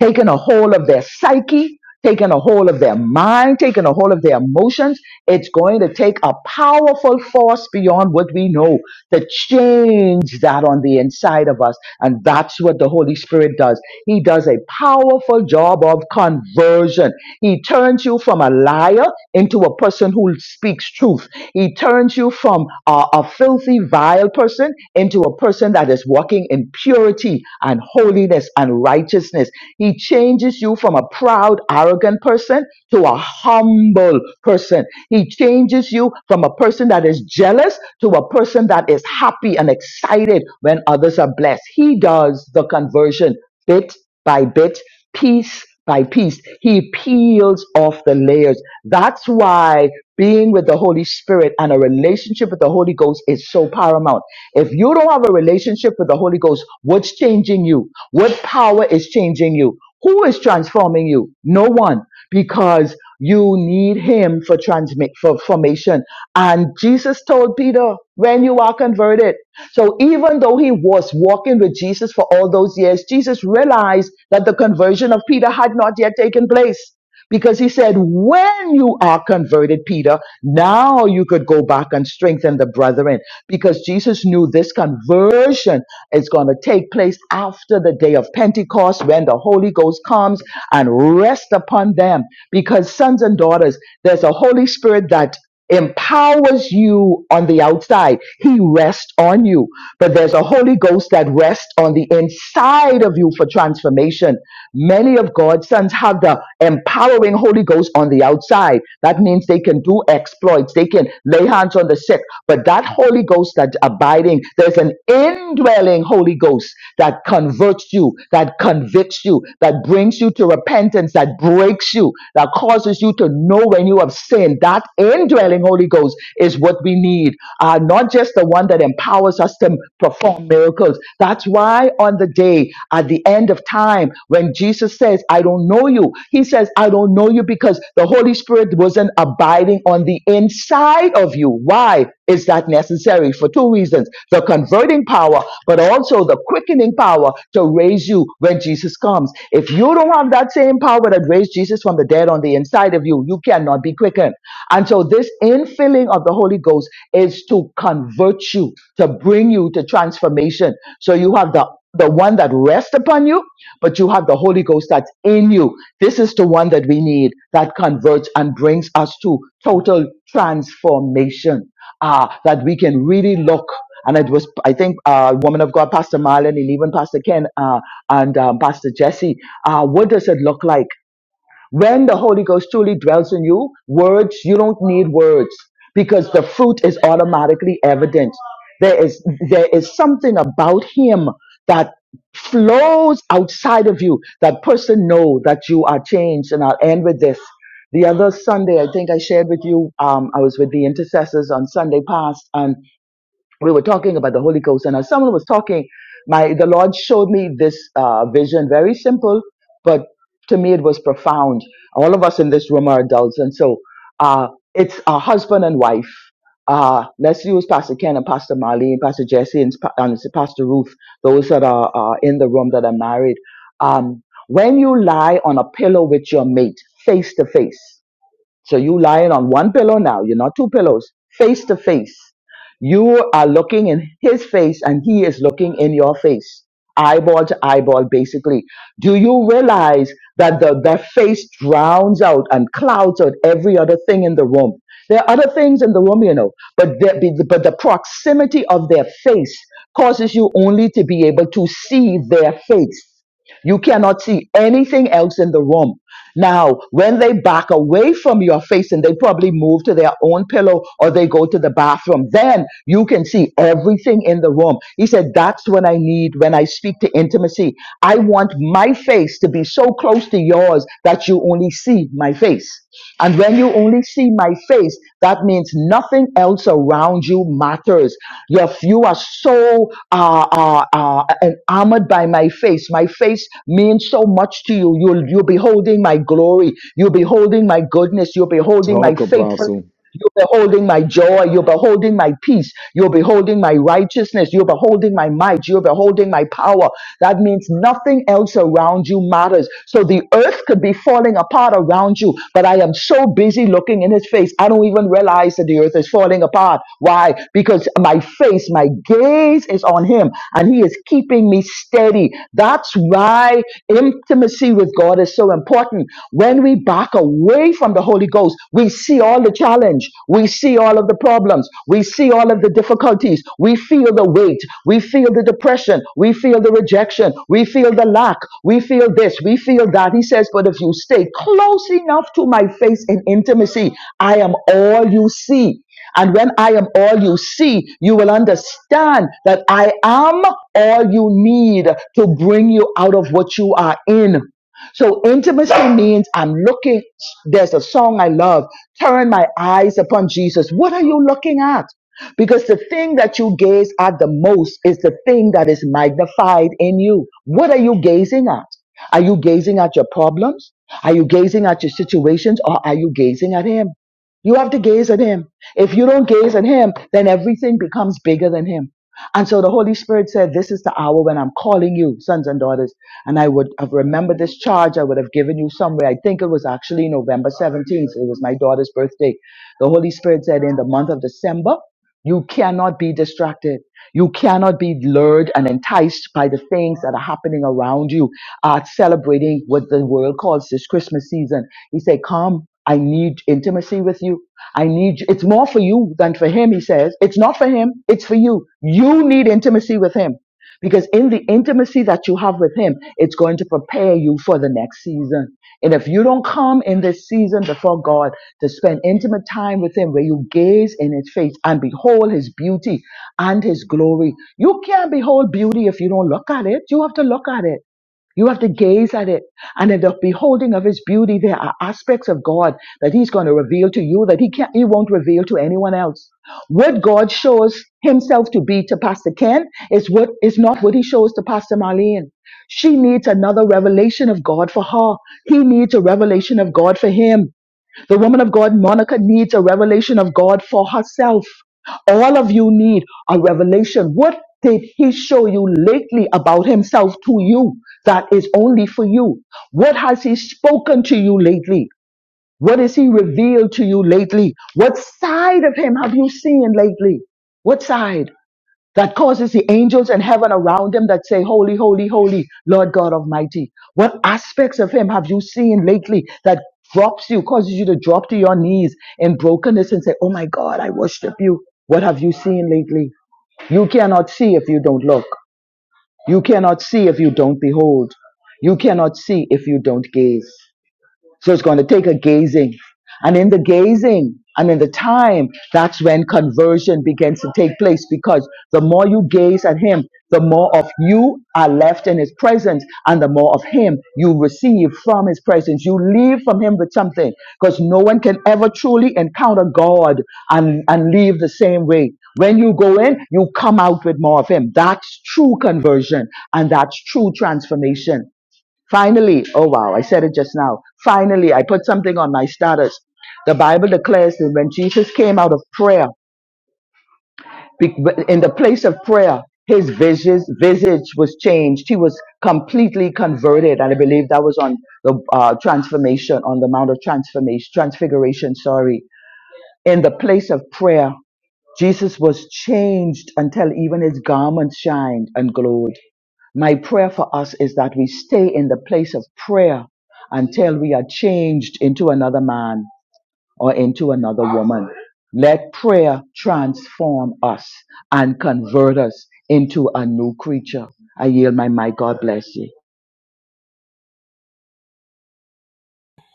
taking a hold of their psyche, taking a hold of their mind, taking a hold of their emotions. It's going to take a powerful force beyond what we know to change that on the inside of us. And that's what the Holy Spirit does. He does a powerful job of conversion. He turns you from a liar into a person who speaks truth. He turns you from a, a filthy, vile person into a person that is walking in purity and holiness and righteousness. He changes you from a proud, arrogant person to a humble person. He changes you from a person that is jealous to a person that is happy and excited when others are blessed. He does the conversion bit by bit piece by piece. He peels off the layers. That's why being with the Holy Spirit and a relationship with the Holy Ghost is so paramount. If you don't have a relationship with the Holy Ghost, what's changing you? What power is changing you? Who is transforming you? No one because you need him for transmit for formation. And Jesus told Peter, when you are converted. So even though he was walking with Jesus for all those years, Jesus realized that the conversion of Peter had not yet taken place. Because he said, when you are converted, Peter, now you could go back and strengthen the brethren. Because Jesus knew this conversion is going to take place after the day of Pentecost when the Holy Ghost comes and rests upon them. Because sons and daughters, there's a Holy Spirit that empowers you on the outside. He rests on you. But there's a Holy Ghost that rests on the inside of you for transformation. Many of God's sons have the empowering Holy Ghost on the outside. That means they can do exploits, they can lay hands on the sick. But that Holy Ghost that's abiding, there's an indwelling Holy Ghost that converts you, that convicts you, that brings you to repentance, that breaks you, that causes you to know when you have sinned. That indwelling Holy Ghost is what we need, uh, not just the one that empowers us to perform miracles. That's why on the day, at the end of time, when Jesus says, I don't know you, he says, I don't know you because the Holy Spirit wasn't abiding on the inside of you. Why is that necessary? For two reasons the converting power, but also the quickening power to raise you when Jesus comes. If you don't have that same power that raised Jesus from the dead on the inside of you, you cannot be quickened. And so, this infilling of the Holy Ghost is to convert you, to bring you to transformation. So, you have the the one that rests upon you but you have the Holy Ghost that's in you. This is the one that we need that converts and brings us to total transformation. Ah, that we can really look. And it was, I think, uh, woman of God, Pastor Marlon, and even Pastor Ken, uh, and um, Pastor Jesse. Uh, what does it look like? When the Holy Ghost truly dwells in you, words, you don't need words because the fruit is automatically evident. There is, there is something about Him that flows outside of you. That person know that you are changed. And I'll end with this. The other Sunday, I think I shared with you, um, I was with the intercessors on Sunday past and we were talking about the Holy Ghost, and as someone was talking, my the Lord showed me this uh, vision, very simple, but to me it was profound. All of us in this room are adults, and so uh, it's a husband and wife. Uh, let's use Pastor Ken and Pastor Marlene, Pastor Jesse and, Pa- and Pastor Ruth, those that are uh, in the room that are married. Um, when you lie on a pillow with your mate, face to face. So you lying on one pillow now. You're not two pillows. Face to face. You are looking in his face and he is looking in your face. Eyeball to eyeball, basically. Do you realize that the, the face drowns out and clouds out every other thing in the room? There are other things in the room, you know, but the, but the proximity of their face causes you only to be able to see their face. You cannot see anything else in the room. Now, when they back away from your face and they probably move to their own pillow or they go to the bathroom, then you can see everything in the room. He said, That's what I need when I speak to intimacy. I want my face to be so close to yours that you only only see my face. And when you only see my face, that means nothing else around you matters. If you are so uh, uh, uh, enamored by my face, my face means so much to you. You'll, you'll be holding my glory. You'll be holding my goodness. You'll be holding my Talk, faithfulness. Apostle. You're beholding my joy. You're beholding my peace. You're beholding my righteousness. You're beholding my might. You're beholding my power. That means nothing else around you matters. So the earth could be falling apart around you, but I am so busy looking in his face. I don't even realize that the earth is falling apart. Why? Because my face, my gaze is on him and he is keeping me steady. That's why intimacy with God is so important. When we back away, away from the Holy Ghost, we see all the challenge, we see all of the problems, we see all of the difficulties, we feel the weight, we feel the depression, we feel the rejection, we feel the lack, we feel this, we feel that. He says, But if you stay close enough to my face in intimacy, I am all you see. And when I am all you see, you will understand that I am all you need to bring you out of what you are in. So intimacy means I'm looking. There's a song I love. Turn my eyes upon Jesus. What are you looking at? Because the thing that you gaze at the most is the thing that is magnified in you. What are you gazing at? Are you gazing at your problems? Are you gazing at your situations or are you gazing at Him? You have to gaze at him. If you don't gaze at him, then everything becomes bigger than him. And so the Holy Spirit said, This is the hour when I'm calling you, sons and daughters. And I would have remembered this charge I would have given you somewhere. I think it was actually November 17th. It was my daughter's birthday. The Holy Spirit said, In the month of December, you cannot be distracted. You cannot be lured and enticed by the things that are happening around you. Uh, celebrating what the world calls this Christmas season. He said, Come, I need intimacy with you. I need you. It's more for you than for him, he says. It's not for him, it's for you. You need intimacy with him. Because in the intimacy that you have with Him, it's going to prepare you for the next season. And if you don't come in this season before God to spend intimate time with Him, where you gaze in His face and behold His beauty and His glory, you can't behold beauty if you don't look at it. You have to look at it. You have to gaze at it. And in the beholding of his beauty, there are aspects of God that he's going to reveal to you that he can't, he won't reveal to anyone else. What God shows himself to be to Pastor Ken is what is not what he shows to Pastor Marlene. She needs another revelation of God for her. He needs a revelation of God for him. The woman of God, Monica, needs a revelation of God for herself. All of you need a revelation. What did he show you lately about himself to you that is only for you? What has he spoken to you lately? What has he revealed to you lately? What side of him have you seen lately? What side? that causes the angels in heaven around him that say, Holy, holy, holy, Lord God Almighty. What aspects of him have you seen lately that drops you, causes you to drop to your knees in brokenness and say, Oh my God, I worship you. What have you seen lately? You cannot see if you don't look. You cannot see if you don't behold. You cannot see if you don't gaze. So it's going to take a gazing. And in the gazing and in the time, that's when conversion begins to take place because the more you gaze at Him, the more of you are left in His presence and the more of Him you receive from His presence. You leave from Him with something because no one can ever truly encounter God and, and leave the same way. When you go in, you come out with more of Him. That's true conversion and that's true transformation. Finally, oh wow, I said it just now. Finally, I put something on my status. The Bible declares that when Jesus came out of prayer, be- in the place of prayer, his visage, visage was changed. He was completely converted. And I believe that was on the uh, transformation, on the Mount of Transformation, Transfiguration, sorry. In the place of prayer, Jesus was changed until even his garments shined and glowed. My prayer for us is that we stay in the place of prayer until we are changed into another man or into another woman. Let prayer transform us and convert us into a new creature. I yield my mic. God bless you.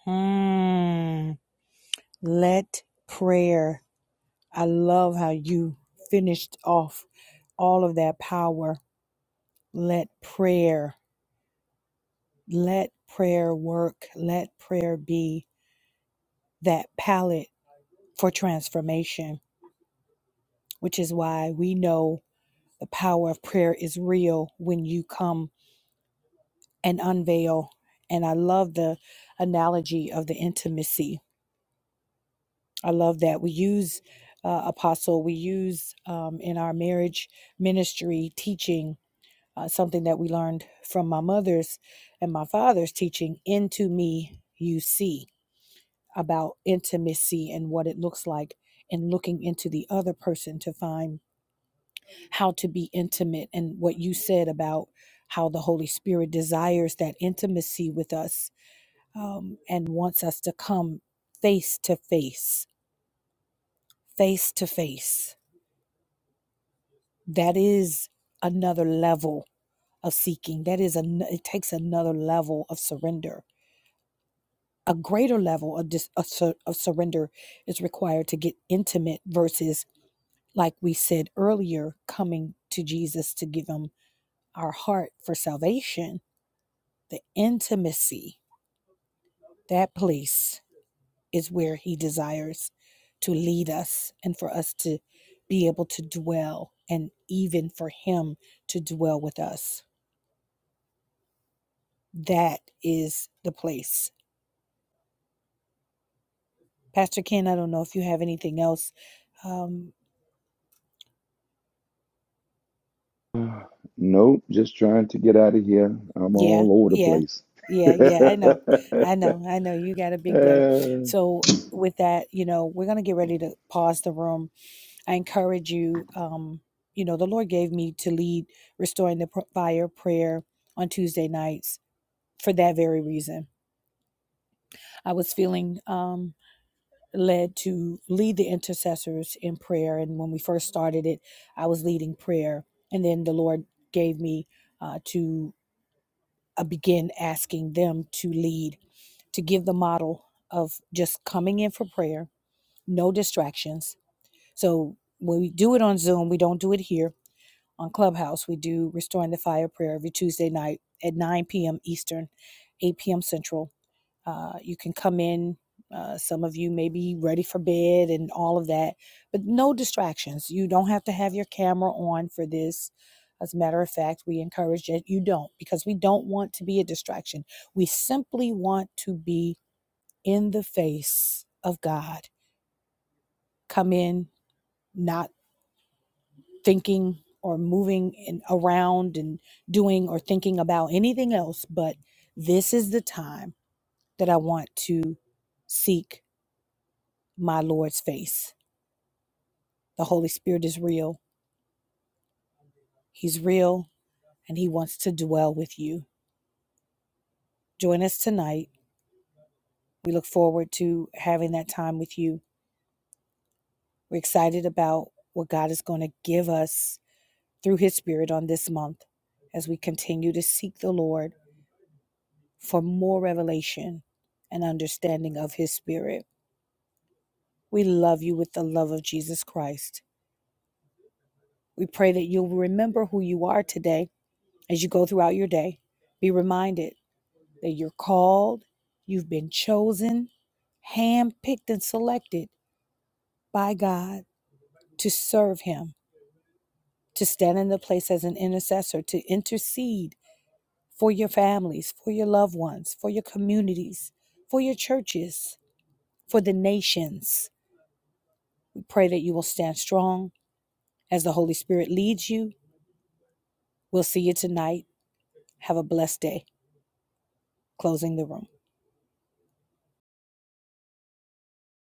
Mm, let prayer. I love how you finished off all of that power. Let prayer. Let prayer work. Let prayer be that palette for transformation, which is why we know the power of prayer is real when you come and unveil. And I love the analogy of the intimacy. I love that. We use, uh, Apostle, we use um, in our marriage ministry teaching uh, something that we learned from my mother's and my father's teaching into me, you see about intimacy and what it looks like and looking into the other person to find how to be intimate and what you said about how the Holy Spirit desires that intimacy with us um, and wants us to come face to face, face to face. That is another level of seeking. That is an, it takes another level of surrender. A greater level of, dis, of, sur, of surrender is required to get intimate versus like we said earlier, coming to Jesus to give him our heart for salvation, the intimacy, that place is where he desires to lead us and for us to be able to dwell and even for him to dwell with us. That is the place. Pastor Ken, I don't know if you have anything else. um, Nope, just trying to get out of here. I'm Yeah, all over the yeah, place. yeah, yeah. I know, I know, I know. You got a big day. So, with that, you know, we're going to get ready to pause the room. I encourage you, um, you know, the Lord gave me to lead Restoring the Pr- Fire prayer on Tuesday nights for that very reason. I was feeling um, led to lead the intercessors in prayer. And when we first started it, I was leading prayer. And then the Lord gave me. Uh, to uh, begin asking them to lead, to give the model of just coming in for prayer, no distractions. So when we do it on Zoom, we don't do it here on Clubhouse. We do Restoring the Fire prayer every Tuesday night at 9 p.m. Eastern, 8 p.m. Central uh, you can come in. Uh, some of you may be ready for bed and all of that, but no distractions. You don't have to have your camera on for this. As a matter of fact, we encourage that you don't because we don't want to be a distraction. We simply want to be in the face of God. Come in not thinking or moving and around and doing or thinking about anything else, but this is the time that I want to seek my Lord's face. The Holy Spirit is real. He's real and He wants to dwell with you. Join us tonight. We look forward to having that time with you. We're excited about what God is going to give us through His Spirit on this month as we continue to seek the Lord for more revelation and understanding of His Spirit. We love you with the love of Jesus Christ. We pray that you'll remember who you are today as you go throughout your day. Be reminded that you're called, you've been chosen, handpicked, and selected by God to serve Him, to stand in the place as an intercessor, to intercede for your families, for your loved ones, for your communities, for your churches, for the nations. We pray that you will stand strong as the Holy Spirit leads you. We'll see you tonight. Have a blessed day. Closing the room.